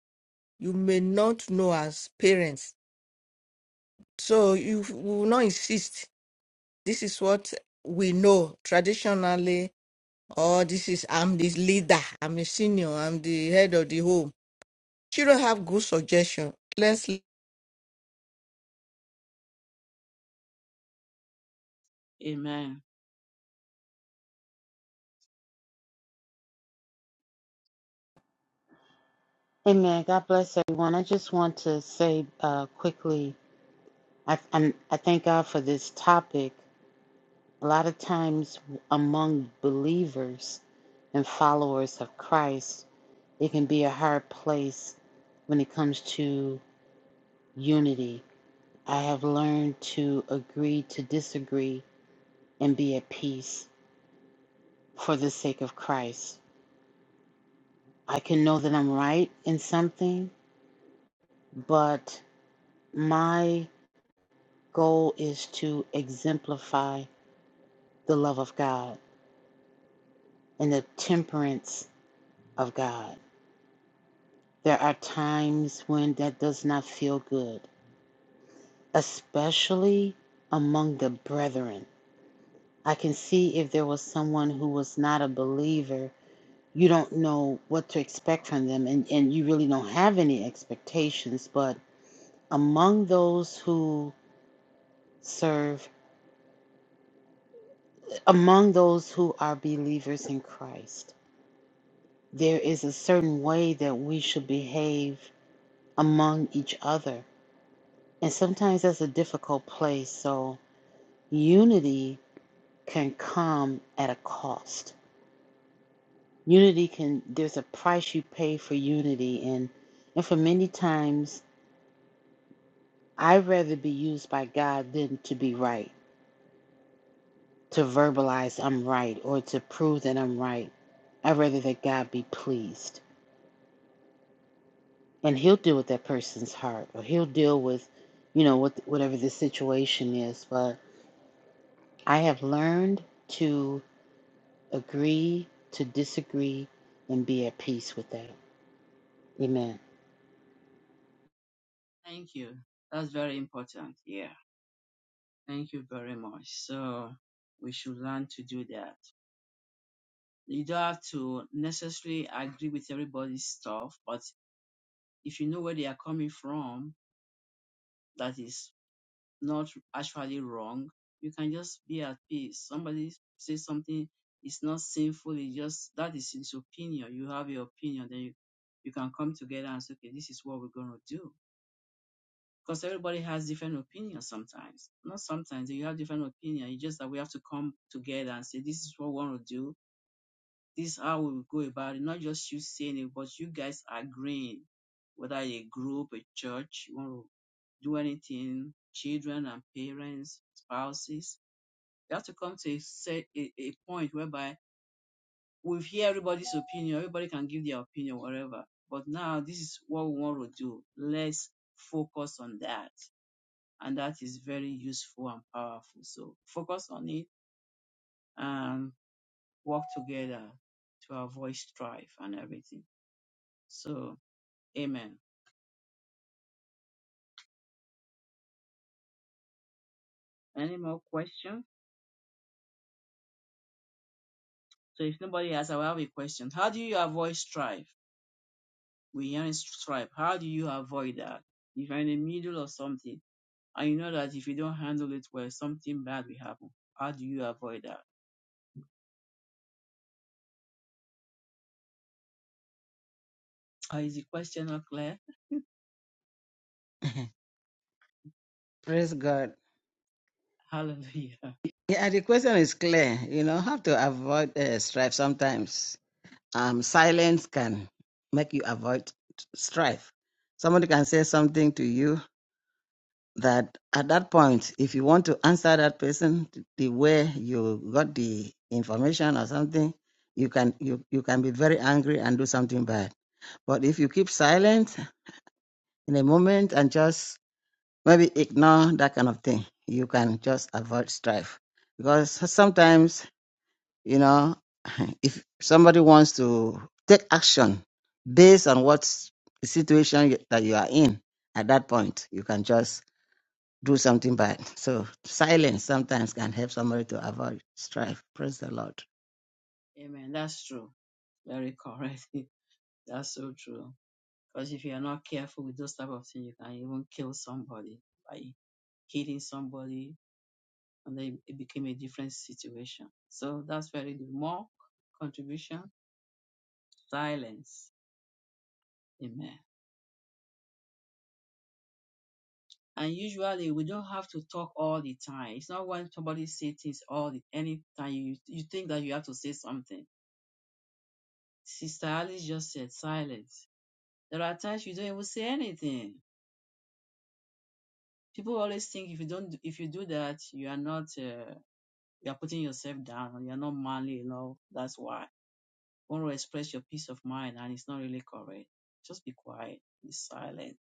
S5: you may not know as parents so you will not insist this is what we know traditionally or this is i'm the leader i'm a senior i'm the head of the home children have good suggestion let's
S2: Amen.
S7: Amen. God bless everyone. I just want to say uh, quickly, I, i I thank God for this topic. A lot of times among believers and followers of Christ, it can be a hard place when it comes to unity. I have learned to agree to disagree and be at peace for the sake of Christ. I can know that I'm right in something, but my goal is to exemplify the love of God and the temperance of God. There are times when that does not feel good, especially among the brethren. I can see if there was someone who was not a believer, you don't know what to expect from them, and, and you really don't have any expectations. But among those who serve, among those who are believers in Christ, there is a certain way that we should behave among each other. And sometimes that's a difficult place. So unity can come at a cost. Unity can, there's a price you pay for unity. And, and for many times, I'd rather be used by God than to be right, to verbalize I'm right or to prove that I'm right. I'd rather that God be pleased. and he'll deal with that person's heart or he'll deal with you know what whatever the situation is but i have learned to agree to disagree and be at peace with that amen
S2: Thank you. That's very important. Yeah. Thank you very much. So we should learn to do that. You don't have to necessarily agree with everybody's stuff, but if you know where they are coming from, that is not actually wrong, you can just be at peace. Somebody says something it's not sinful, it's just that is his opinion. You have your opinion, then you, you can come together and say, okay, this is what we're going to do. Because everybody has different opinions sometimes. Not sometimes, you have different opinion. It's just that we have to come together and say, this is what we want to do This is how we will go about it. Not just you saying it, but you guys agreeing, whether a group, a church, you want to do anything, children and parents, spouses. You have to come to a set a, a point whereby we hear everybody's opinion, everybody can give their opinion, whatever. But now this is what we want to do. Let's focus on that. And that is very useful and powerful. So focus on it and work together to avoid strife and everything. So, amen. Any more questions? So, if nobody has, I will have a question. How do you avoid strife? We hear in strife. How do you avoid that? If you're in the middle of something and you know that if you don't handle it well, something bad will happen. How do you avoid that? Uh, Is the question not clear?
S3: Praise God.
S2: Hallelujah.
S3: Yeah, the question is clear. You know, have to avoid uh, strife sometimes. Um, silence can make you avoid strife. Somebody can say something to you that at that point, if you want to answer that person the way you got the information or something, you can you, you can be very angry and do something bad. But if you keep silent in a moment and just maybe ignore that kind of thing, you can just avoid strife. Because sometimes You know, if somebody wants to take action based on what the situation you- that you are in at that point, you can just do something bad. So silence sometimes can help somebody to avoid strife. Praise the Lord.
S2: Amen. That's true. Very correct. That's so true. Because if you are not careful with those type of things, you can even kill somebody by hitting somebody and then it became a different situation. So that's very good. More contribution, silence. Amen. And usually we don't have to talk all the time. It's not when somebody says things all the anytime you you think that you have to say something. Sister Alice just said silence. There are times you don't even say anything. People always think if you don't if you do that you are not uh, you are putting yourself down. You are not manly enough. That's why. want to express your peace of mind and it's not really correct, just be quiet, be silent,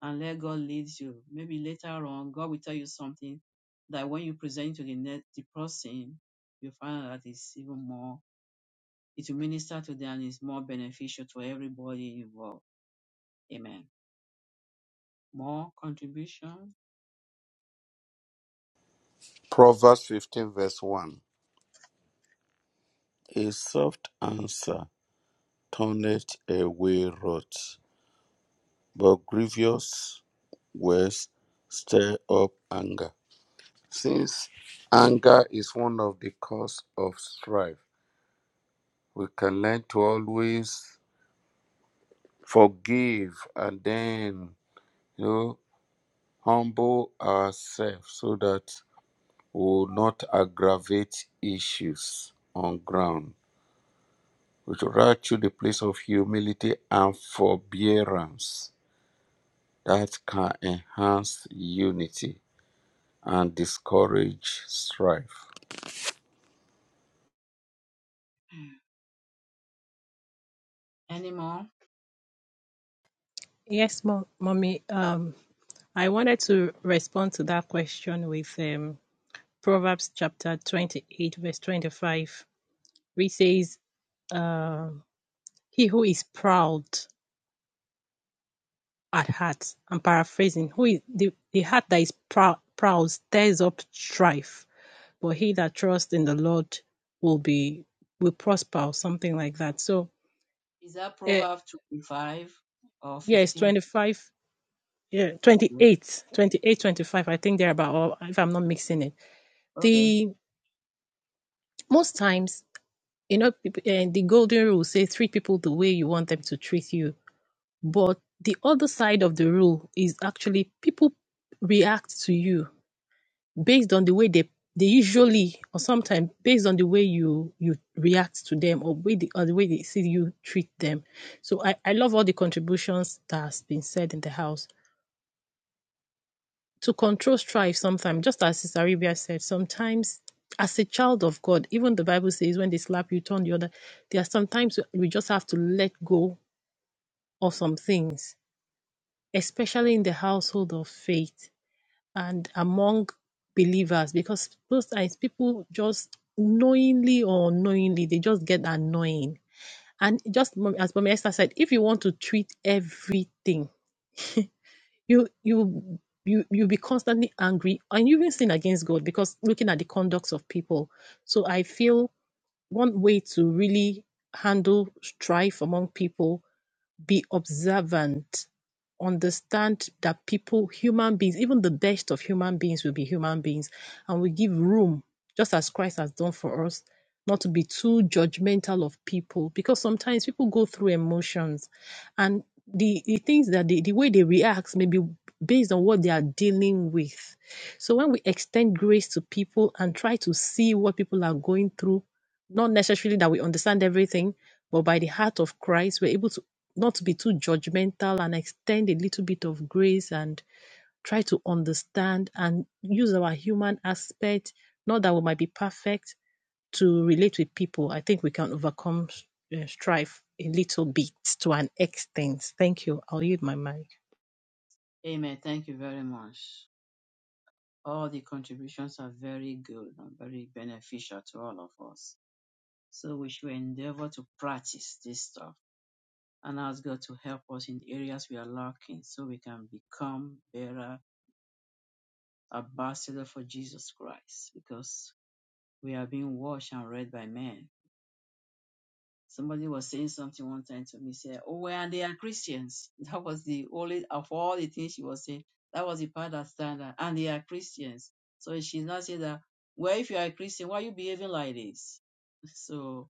S2: and let God lead you. Maybe later on, God will tell you something that when you present to the next the person, you find out that it's even more. It will minister to them and it's more beneficial to everybody involved. Amen. More contribution?
S1: Proverbs 15 verse 1. A soft answer turneth away wrath, but grievous words stir up anger. Since anger is one of the cause of strife, we can learn to always forgive and then you know, humble ourselves so that will not aggravate issues on ground, but rather to the place of humility and forbearance that can enhance unity and discourage strife.
S2: Any more?
S6: Yes, mom, mommy. Um, I wanted to respond to that question with um Proverbs chapter 28, verse 25, which says, uh, He who is proud at heart, I'm paraphrasing, who is, the, the heart that is prou- proud stirs up strife, but he that trusts in the Lord will be will prosper or something like that. So,
S2: Is that
S6: uh,
S2: Proverbs 25 or
S6: yeah, it's
S2: 15?
S6: 25, yeah, twenty
S2: Okay.
S6: eight, 28, 25. I think they're about, or if I'm not mixing it.
S2: Okay.
S6: The most times, you know, uh, the golden rule says treat people the way you want them to treat you But the other side of the rule is actually people react to you based on the way they they usually or sometimes based on the way you you react to them or way the, or the way they see you treat them. So I, I love all the contributions that has been said in the house. To control strife sometimes, just as Sister Arabia said, sometimes as a child of God, even the Bible says when they slap you, turn the other. There are sometimes we just have to let go of some things, especially in the household of faith and among believers because those times people just knowingly or unknowingly they just get annoying and just as Mama Esther said if you want to treat everything you you you you'll be constantly angry and you even sin against God because looking at the conducts of people so I feel one way to really handle strife among people be observant understand that people human beings even the best of human beings will be human beings and we give room just as christ has done for us not to be too judgmental of people because sometimes people go through emotions and the, the things that they, the way they react may be based on what they are dealing with so when we extend grace to people and try to see what people are going through not necessarily that we understand everything, but by the heart of Christ, we're able to not be too judgmental and extend a little bit of grace and try to understand and use our human aspect. Not that we might be perfect, to relate with people, I think we can overcome uh, strife a little bit to an extent. Thank you. I'll yield my mic.
S2: Amen. Thank you very much. All the contributions are very good and very beneficial to all of us. So we should endeavor to practice this stuff and ask God to help us in the areas we are lacking so we can become better ambassadors for Jesus Christ because we are being washed and read by men Somebody was saying something one time to me, said, Oh, well, they are Christians. That was the only, of all the things she was saying, that was the part that stand out. And they are Christians. So she's not saying that, well, if you are a Christian, why are you behaving like this? So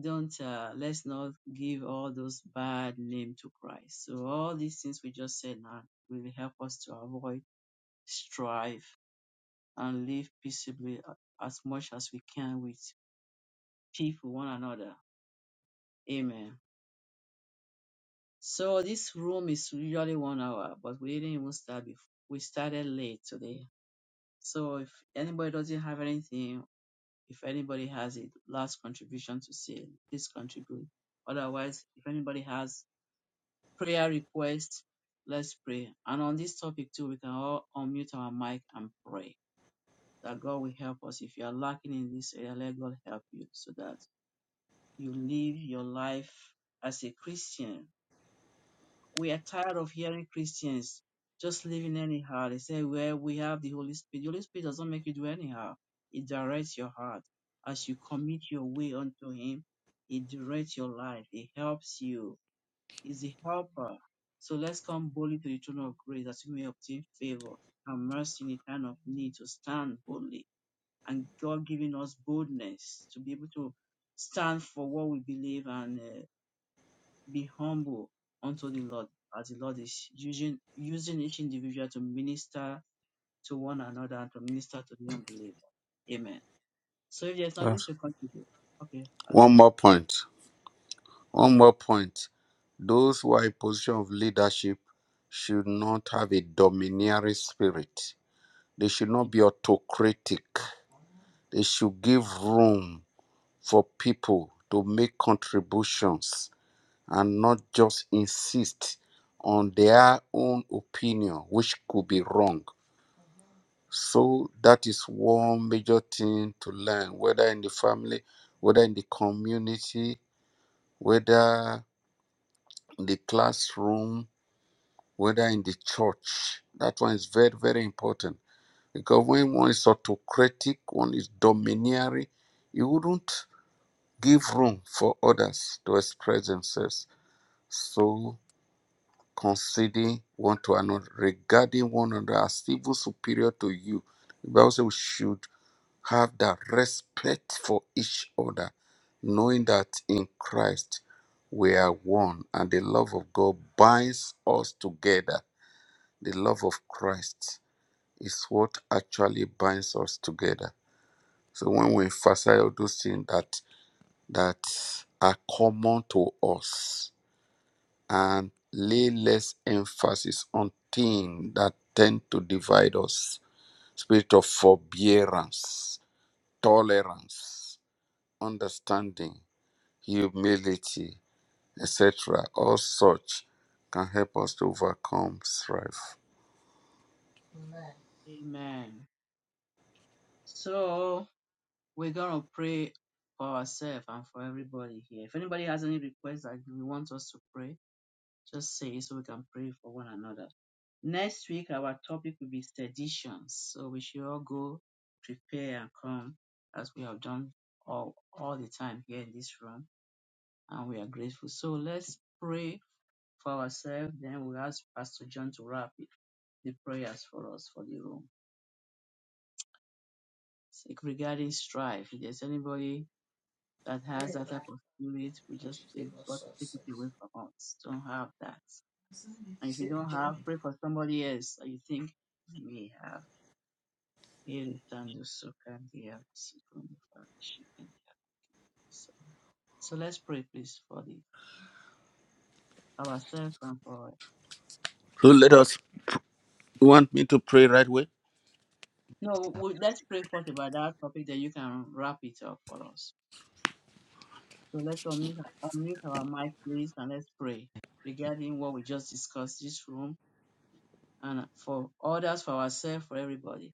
S2: don't, uh, let's not give all those bad name to Christ. So all these things we just said now will help us to avoid strife and live peaceably uh, as much as we can with people, one another. Amen. So this room is usually one hour, but we didn't even start before. We started late today. So if anybody doesn't have anything, if anybody has a last contribution to say, please contribute. Otherwise, if anybody has prayer requests, let's pray. And on this topic too, we can all unmute our mic and pray that God will help us. If you are lacking in this area, let God help you so that you live your life as a Christian we are tired of hearing Christians just living anyhow. They say, well, we have the Holy Spirit. The Holy Spirit doesn't make you do anyhow. It directs your heart. As you commit your way unto Him, it directs your life. It helps you. It's the helper. So let's come boldly to the throne of grace that we may obtain favor and mercy in the time of need to stand boldly. And God giving us boldness to be able to stand for what we believe and uh, be humble unto the Lord as the Lord is using using each individual to minister to one another and to minister to the unbeliever. Amen. So if there's nothing
S1: Yes.
S2: to contribute, okay, Pastor,
S1: One
S2: you
S1: more point. One more point. Those who are in position of leadership should not have a domineering spirit. They should not
S2: can
S1: be autocratic. They should give room for people to make contributions and not just insist on their own opinion, which could be wrong. So that is one major thing to learn, whether in the family, whether in the community, whether in the classroom, whether in the church. That one is very, very important. Because when one is autocratic, one is domineering, you wouldn't give room for others to express themselves. So considering one to another, regarding one another as even superior to you. The Bible says we should have that respect for each other, knowing that in Christ we are one, and the love of God binds us together. The love of Christ is what actually binds us together. So when we emphasize all those things that that are common to us, and lay less emphasis on things that tend to divide us. Spirit of forbearance, tolerance, understanding, humility, etc. All such can help us to overcome strife.
S2: take- Amen. So we're gonna pray for ourselves and for everybody here. If anybody has any requests that you want us to pray, just say it so we can pray for one another. Next week, our topic will be sedition. So we should all go prepare and come as we have done all, all the time here in this room. And we are grateful. So let's pray for ourselves. Then we'll ask Pastor John to wrap the prayers for us for the room. So regarding strife, if there's anybody that has that type of spirit, we just take- got to take it away from us. Don't have that. And if you don't have, pray for somebody else that you think may have. Yeri Tando Soka Ndiaba Sikondo, Father, she can So let's pray, please, for the ourselves and for
S1: So let
S2: every-
S1: us you want me to pray right away.
S2: no. We, let's pray first about that topic. Then you can wrap it up for us. So let's unmute, unmute our mic, please, and let's pray regarding what we just discussed this room and for others, for ourselves, for everybody.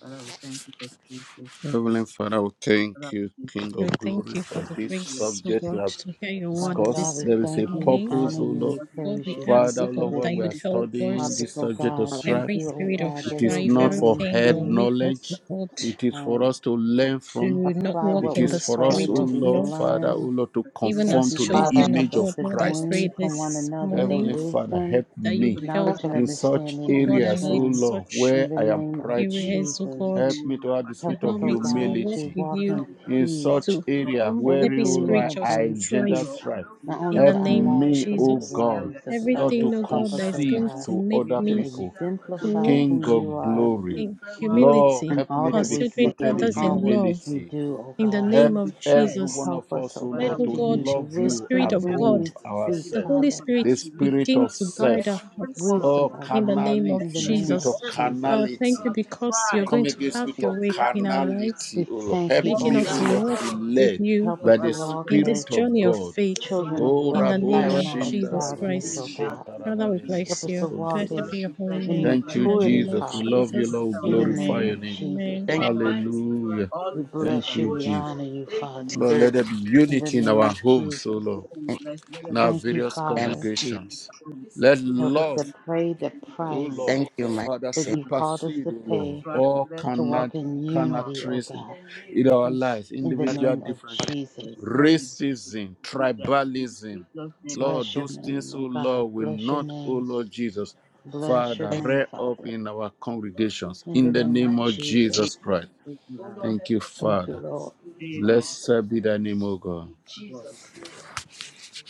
S2: Father, we thank you for this place. for
S1: Heavenly Father, we
S2: Father,
S1: thank you,
S2: we thank
S1: King
S2: you
S1: of
S6: Lord, thank
S1: Glory,
S6: you for
S1: for
S6: the
S1: this
S6: grace, oh
S1: subject we
S6: God,
S1: have
S6: to hear your
S2: for
S6: word
S7: father
S2: giving us
S7: god
S1: discussed.
S6: this
S7: we
S1: There is a
S7: thank you we
S6: morning.
S2: for
S7: honor
S1: purpose, O
S2: this
S7: you
S1: Lord.
S7: we
S2: audience
S6: Lord,
S7: praise
S6: we
S7: you
S2: for
S7: thank
S6: ask,
S1: Father,
S7: you
S6: oh
S1: O
S7: for
S6: God,
S1: Lord,
S7: this
S1: while
S6: that
S1: we
S2: all
S1: are
S6: you'd
S2: this
S6: help
S1: studying
S6: us
S7: topic
S1: this
S7: oh
S1: subject of
S7: god thank
S1: strife.
S6: every
S7: you oh
S6: spirit of
S7: god that
S1: It is
S7: we're
S6: strife,
S2: together.
S1: not for
S7: willing
S6: everything
S2: So
S6: that
S1: head
S6: will
S7: to
S6: make us, oh
S1: knowledge.
S6: God.
S1: It is for
S7: um,
S1: us to learn from.
S6: to not
S7: apply
S2: many
S6: walk
S1: It
S7: what
S6: in
S2: people
S1: is
S6: the
S7: we've
S1: for us,
S7: heard
S1: O
S2: who
S6: spirit
S7: what
S6: of
S7: we've
S1: Lord,
S6: love,
S1: Father, O
S7: learned
S1: Lord, to
S2: have been asked to do something they
S6: even
S2: don't
S1: conform
S7: thank
S6: as
S7: you
S1: to
S2: want
S1: the
S7: father
S3: Father,
S6: children
S7: help
S6: of
S1: image
S7: us
S1: of
S6: God.
S7: to
S6: Lord, I
S1: Christ.
S6: pray
S7: glean from one
S6: this
S2: to
S7: another the
S6: morning
S1: Heavenly
S2: do.
S1: Father,
S7: wisdom
S1: help
S6: that
S2: You're
S6: you'd
S1: me
S2: talking
S6: help,
S7: knowledge and
S1: in such
S7: understanding
S6: oh
S2: about
S7: in
S6: God,
S2: people
S7: this
S6: and
S1: areas, O
S6: let
S7: room.
S1: Lord,
S6: such
S7: In
S1: where
S7: the
S1: I am
S7: name of
S2: who are busy
S1: prideful.
S6: areas, oh
S7: Jesus,
S2: with
S6: God,
S2: their
S1: Help me
S2: own
S1: to have the
S6: to
S7: help
S1: spirit
S7: us,
S1: of
S2: lives,
S6: help me
S7: oh
S6: to
S7: God,
S6: walk
S7: to
S1: humility
S6: with
S7: walk
S2: but
S6: you,
S2: all
S7: in
S2: of a sudden,
S1: in
S7: peace.
S1: such
S6: to
S2: all
S1: area
S6: remove
S1: where,
S6: every
S1: O
S7: Everything
S1: Lord,
S7: that
S6: spiritual
S1: I
S7: brings
S1: engender
S6: strife
S7: peace,
S2: of a sudden,
S1: strife.
S2: they
S7: not
S2: need
S7: only
S6: in
S2: help.
S6: the
S7: to
S1: Help
S7: our
S6: name of
S7: lives,
S1: me,
S2: And
S7: but to
S1: O
S2: then
S7: the
S2: we
S6: Jesus.
S1: God,
S2: are
S7: lives of
S2: leaders,
S1: not
S2: leaders,
S7: others.
S1: to
S6: Everything, oh
S7: Help
S6: God,
S7: us,
S6: that is
S7: oh
S1: concede
S6: going
S2: and
S7: God,
S6: to
S1: to
S6: make
S1: other
S7: to
S2: leaders
S6: me
S1: people.
S6: to
S2: to
S7: exemplify
S2: do
S6: walk
S1: King
S2: this.
S7: who you
S1: of
S7: are
S2: We
S1: glory,
S6: in
S2: all of us,
S1: Lord,
S6: humility,
S7: in
S1: help
S7: all
S1: me
S2: because
S1: to
S7: that
S1: be
S7: we say
S6: considering
S1: clothed
S7: and
S2: when
S1: in
S7: in
S6: others
S2: we
S7: all
S6: in
S7: what
S6: love,
S7: we
S1: humility.
S2: do,
S7: do, oh
S6: in the
S7: God.
S2: they
S6: name
S1: Help
S2: will
S6: of
S2: be blessed.
S1: every
S6: Jesus.
S1: one
S7: Help
S1: of
S7: us,
S1: us, O
S7: oh
S6: Let,
S2: Father,
S7: God,
S1: Lord,
S6: oh
S2: we
S7: to
S1: to
S6: God,
S2: thank
S7: use
S2: you
S1: love
S2: so
S6: the
S2: that
S1: you
S2: pray
S6: Spirit
S7: wisdom
S2: you
S6: of
S2: help
S7: when
S6: God
S2: us,
S7: we
S1: above
S7: speak,
S2: every
S6: The
S1: ourselves.
S2: bit of
S6: Holy
S7: Father.
S2: us,
S1: The
S6: Spirit
S2: every
S1: spirit
S2: minister,
S6: begin
S1: of
S6: to guide our
S1: self,
S2: every
S6: hearts
S2: one of
S7: Wisdom,
S1: Lord,
S2: us,
S7: oh
S6: in the
S7: God,
S6: name of
S7: in the
S1: carnality,
S2: together,
S1: the
S7: name
S1: spirit
S7: of
S6: Jesus.
S1: of
S2: everything,
S6: Father,
S7: Jesus.
S1: carnality.
S6: thank you
S2: and
S6: because
S1: To
S6: you're
S2: strive
S1: come
S6: going to
S1: against
S6: have
S1: the spirit
S6: your
S2: to
S1: of
S6: way
S2: be out
S6: in
S2: of
S6: our lives,
S7: We
S1: carnality, O Lord.
S2: of
S7: thank
S1: Help
S7: you,
S2: what
S7: O
S6: making
S1: me,
S6: us
S2: of
S1: O
S2: the
S7: God.
S1: Lord,
S6: walk
S2: stuff.
S1: to be
S6: with
S1: led
S6: you
S7: Help us
S1: by
S7: to
S1: the
S2: Father, we
S7: walk
S2: just
S6: in this
S7: as
S1: Spirit
S2: we
S1: of
S2: pray
S6: journey of
S2: your
S1: God.
S2: spirit
S6: faith
S7: children of
S2: dominate
S1: Oh,
S2: our
S6: in the
S7: light
S1: Rabo
S3: I
S6: name
S2: spirit,
S7: and
S3: will
S6: of
S2: for
S7: not of
S1: Shinda
S6: Jesus
S2: spirit
S7: darkness,
S1: Rabako
S6: Christ.
S2: being
S7: O
S2: in that
S7: God.
S1: Shinta
S2: spirit
S6: Father,
S2: in
S6: we
S1: Rabale
S2: Jesus.
S7: Help
S6: bless
S7: us
S1: Reboko
S2: name.
S7: to
S6: you.
S1: Sonto
S7: walk
S6: Blessed
S7: as
S2: Father,
S6: be
S1: Robosh.
S6: your
S2: we
S6: holy
S2: thank
S7: in
S2: you, we
S6: name
S1: Thank
S2: bless
S6: in
S1: you,
S6: the
S2: you.
S6: name
S7: maturity,
S6: of
S1: Jesus. We
S2: As
S7: Father,
S1: love
S2: we
S1: you,
S6: Jesus.
S1: Lord. We
S2: consider
S7: in the
S2: ourselves in
S1: glorify
S7: name
S2: the
S1: your
S2: name
S7: of
S6: Amen.
S2: of
S1: name.
S2: Jesus, we
S7: Jesus.
S6: Amen.
S3: thank you
S2: give
S3: for
S2: us
S6: Amen.
S1: Hallelujah.
S2: all
S7: We
S2: the praise
S1: Thank
S7: bless you,
S2: and
S1: you,
S7: we
S1: Jesus.
S7: honor you,
S2: thanks and
S7: Father,
S1: Lord,
S2: everything,
S3: spirit
S1: let there
S2: Lord.
S1: be
S7: in the
S1: unity in
S7: name
S1: our
S7: of
S1: homes, O
S7: Jesus.
S1: Lord,
S2: Oh, we bless you. Let
S1: in
S2: them
S1: our
S7: Thank you,
S2: be pleased
S1: various
S3: and
S7: Father.
S1: congregations.
S2: now.
S1: Let
S7: Help us to
S1: love,
S2: In
S7: pay the
S2: Jesus'
S1: O
S2: name.
S7: price
S1: Lord,
S3: Thank you, my
S1: Father,
S7: that
S3: Savior.
S7: you
S2: Let's
S7: called us to
S1: supersede, O Lord,
S7: pay
S2: try to
S1: all
S2: let
S7: to
S2: love
S1: cannot
S7: walk
S2: from
S7: in
S2: in
S1: cannot
S2: our
S7: unity, O
S1: trace in
S7: God,
S1: in our
S2: home.
S1: lives,
S7: in the
S2: Bless
S1: individual
S7: name of
S1: differences,
S7: Jesus.
S2: you know the
S1: racism,
S2: do that. In
S1: tribalism.
S2: Jesus' name I
S1: Lord,
S7: Bless your
S2: pray.
S1: those things,
S7: name,
S1: O
S7: O God.
S1: Lord, will
S7: Bless your
S1: not, O
S7: name.
S1: Lord Jesus,
S7: Bless your
S1: Father,
S3: Thank you.
S7: name,
S1: rear up
S7: Father.
S1: in our congregations
S7: In the
S1: in the
S7: name of
S1: name of
S7: Jesus.
S1: Jesus Christ.
S2: Amen.
S1: Thank you,
S7: Thank you,
S1: Father.
S7: Lord.
S2: Amen. Amen.
S1: Blessed be thy name, O God.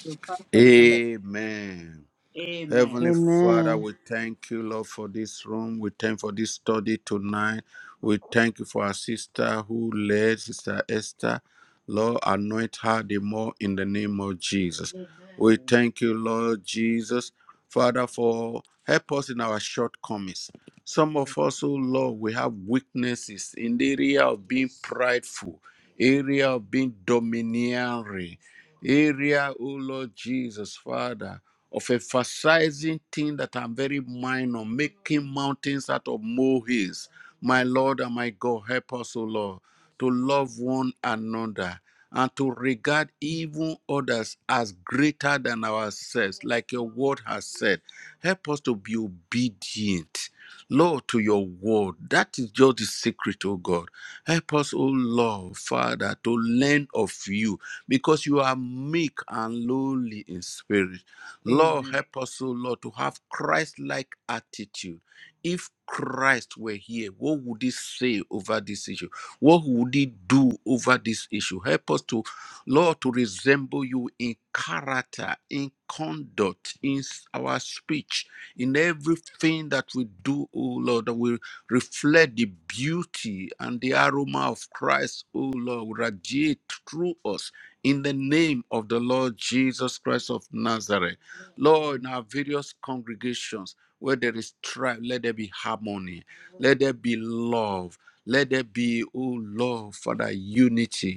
S2: So Pastor you can
S1: Amen.
S2: Amen.
S1: Heavenly Father,
S7: Amen.
S1: we thank you, Lord, for this room. We thank for this study tonight. We thank you for our sister who led, Sister Esther. Lord, anoint her the more in the name of Jesus. Amen. We
S2: Amen.
S1: thank you, Lord Jesus, Father, for help us in our shortcomings. Some of us, oh Lord, we have weaknesses in the area of being prideful, area of being domineering area, oh Lord Jesus, Father, of emphasizing things that are very minor, making mountains out of molehills. My Lord and my God, help us, O Lord, to love one another and to regard even others as greater than ourselves, like your word has said. Help us to be obedient, Lord, to your word. That is just the secret, O God. Help us, O Lord, Father, to learn of you because you are meek and lowly in spirit. Lord,
S2: Amen. Amen.
S1: help us, O Lord, to have Christ like attitude. If Christ were here, what would he say over this issue? What would he do over this issue? Help us to, Lord, to resemble you in character, in conduct, in our speech, in everything that we do, O Lord, that we reflect the beauty and the aroma of Christ, O Lord, radiate through us in the name of the Lord Jesus Christ of Nazareth. Lord, in
S2: Amen.
S1: our various congregations, where there is strife, let there be harmony, let there be love, let there be, O Lord, Father, unity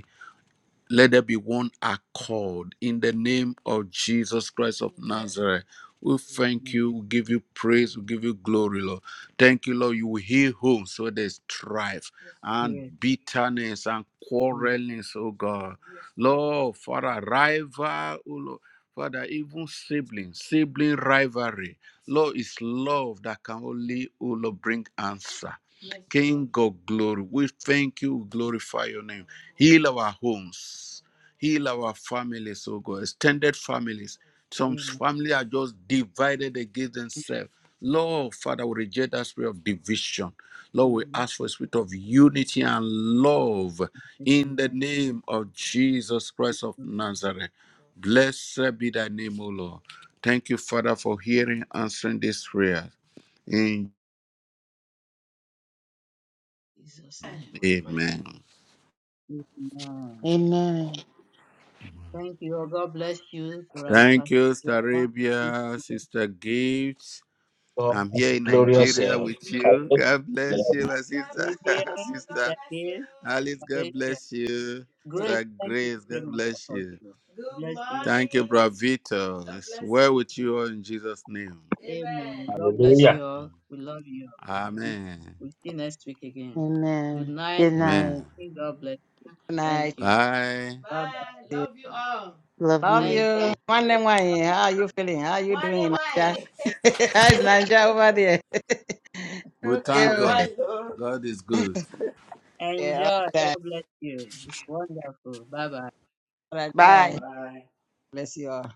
S1: let there be one accord in the name of Jesus Christ of Nazareth. We thank
S2: Amen.
S1: you, we give you praise, we give you glory, Lord. Thank you, Lord. You will heal homes where there's strife and
S2: Yes.
S1: bitterness and
S2: Mm.
S1: quarrelings, oh God. Lord, Father, rival, oh Lord. Father, even sibling, sibling rivalry. Lord, it's love that can only, oh Lord, bring answer. King of glory, we thank you, we glorify your name. Heal our homes, heal our families, oh God, extended families. Some
S2: Amen.
S1: families are just divided against themselves. Lord, Father, we reject that spirit of division. Lord, we
S2: Mm.
S1: ask for a spirit of unity and love in the
S2: Amen.
S1: name of Jesus Christ of
S2: In
S1: Nazareth. Blessed be thy name, O Lord. Thank you, Father, for hearing, and answering this prayer. In-
S2: Jesus' name we pray.
S1: Amen.
S2: Amen.
S7: Amen.
S2: Thank you. God bless you for our
S1: Thank
S2: Pastor
S1: you, Sister Arabia,
S2: John.
S1: Sister Gifts. I'm
S4: God,
S1: here in
S4: glorious
S1: Nigeria
S4: uh,
S1: with you.
S4: God.
S1: God bless you, my sister.
S2: Revealing is
S1: sister
S2: the air, is
S1: Alice, God bless you. Sister
S2: Grace, thank you
S1: Grace,
S2: very
S1: God
S2: much,
S1: bless you.
S2: Apostle. Bless you.
S1: Thank you, Brother Vito. It's well with you all in Jesus' name.
S2: Amen. God bless
S4: Hallelujah.
S2: you all. We love you. all.
S1: Amen.
S2: We'll see you next week again. Good
S7: Amen. Good
S2: night. Good
S1: Amen.
S7: night.
S2: morning. God bless.
S3: Good
S2: Thank
S3: night.
S2: you.
S1: Bye.
S2: Bye
S7: Love
S2: bye.
S3: Love
S7: you.
S2: Thank
S3: you.
S2: you.
S3: one m one. how are you feeling? How are you doing in Nigeria? How is Nigeria over there?
S1: We
S3: okay.
S1: thank God. God is good.
S3: Okay.
S2: Enjoy.
S3: All right.
S2: God bless you. It's wonderful. Bye bye.
S3: All right. Bye. Bless you all.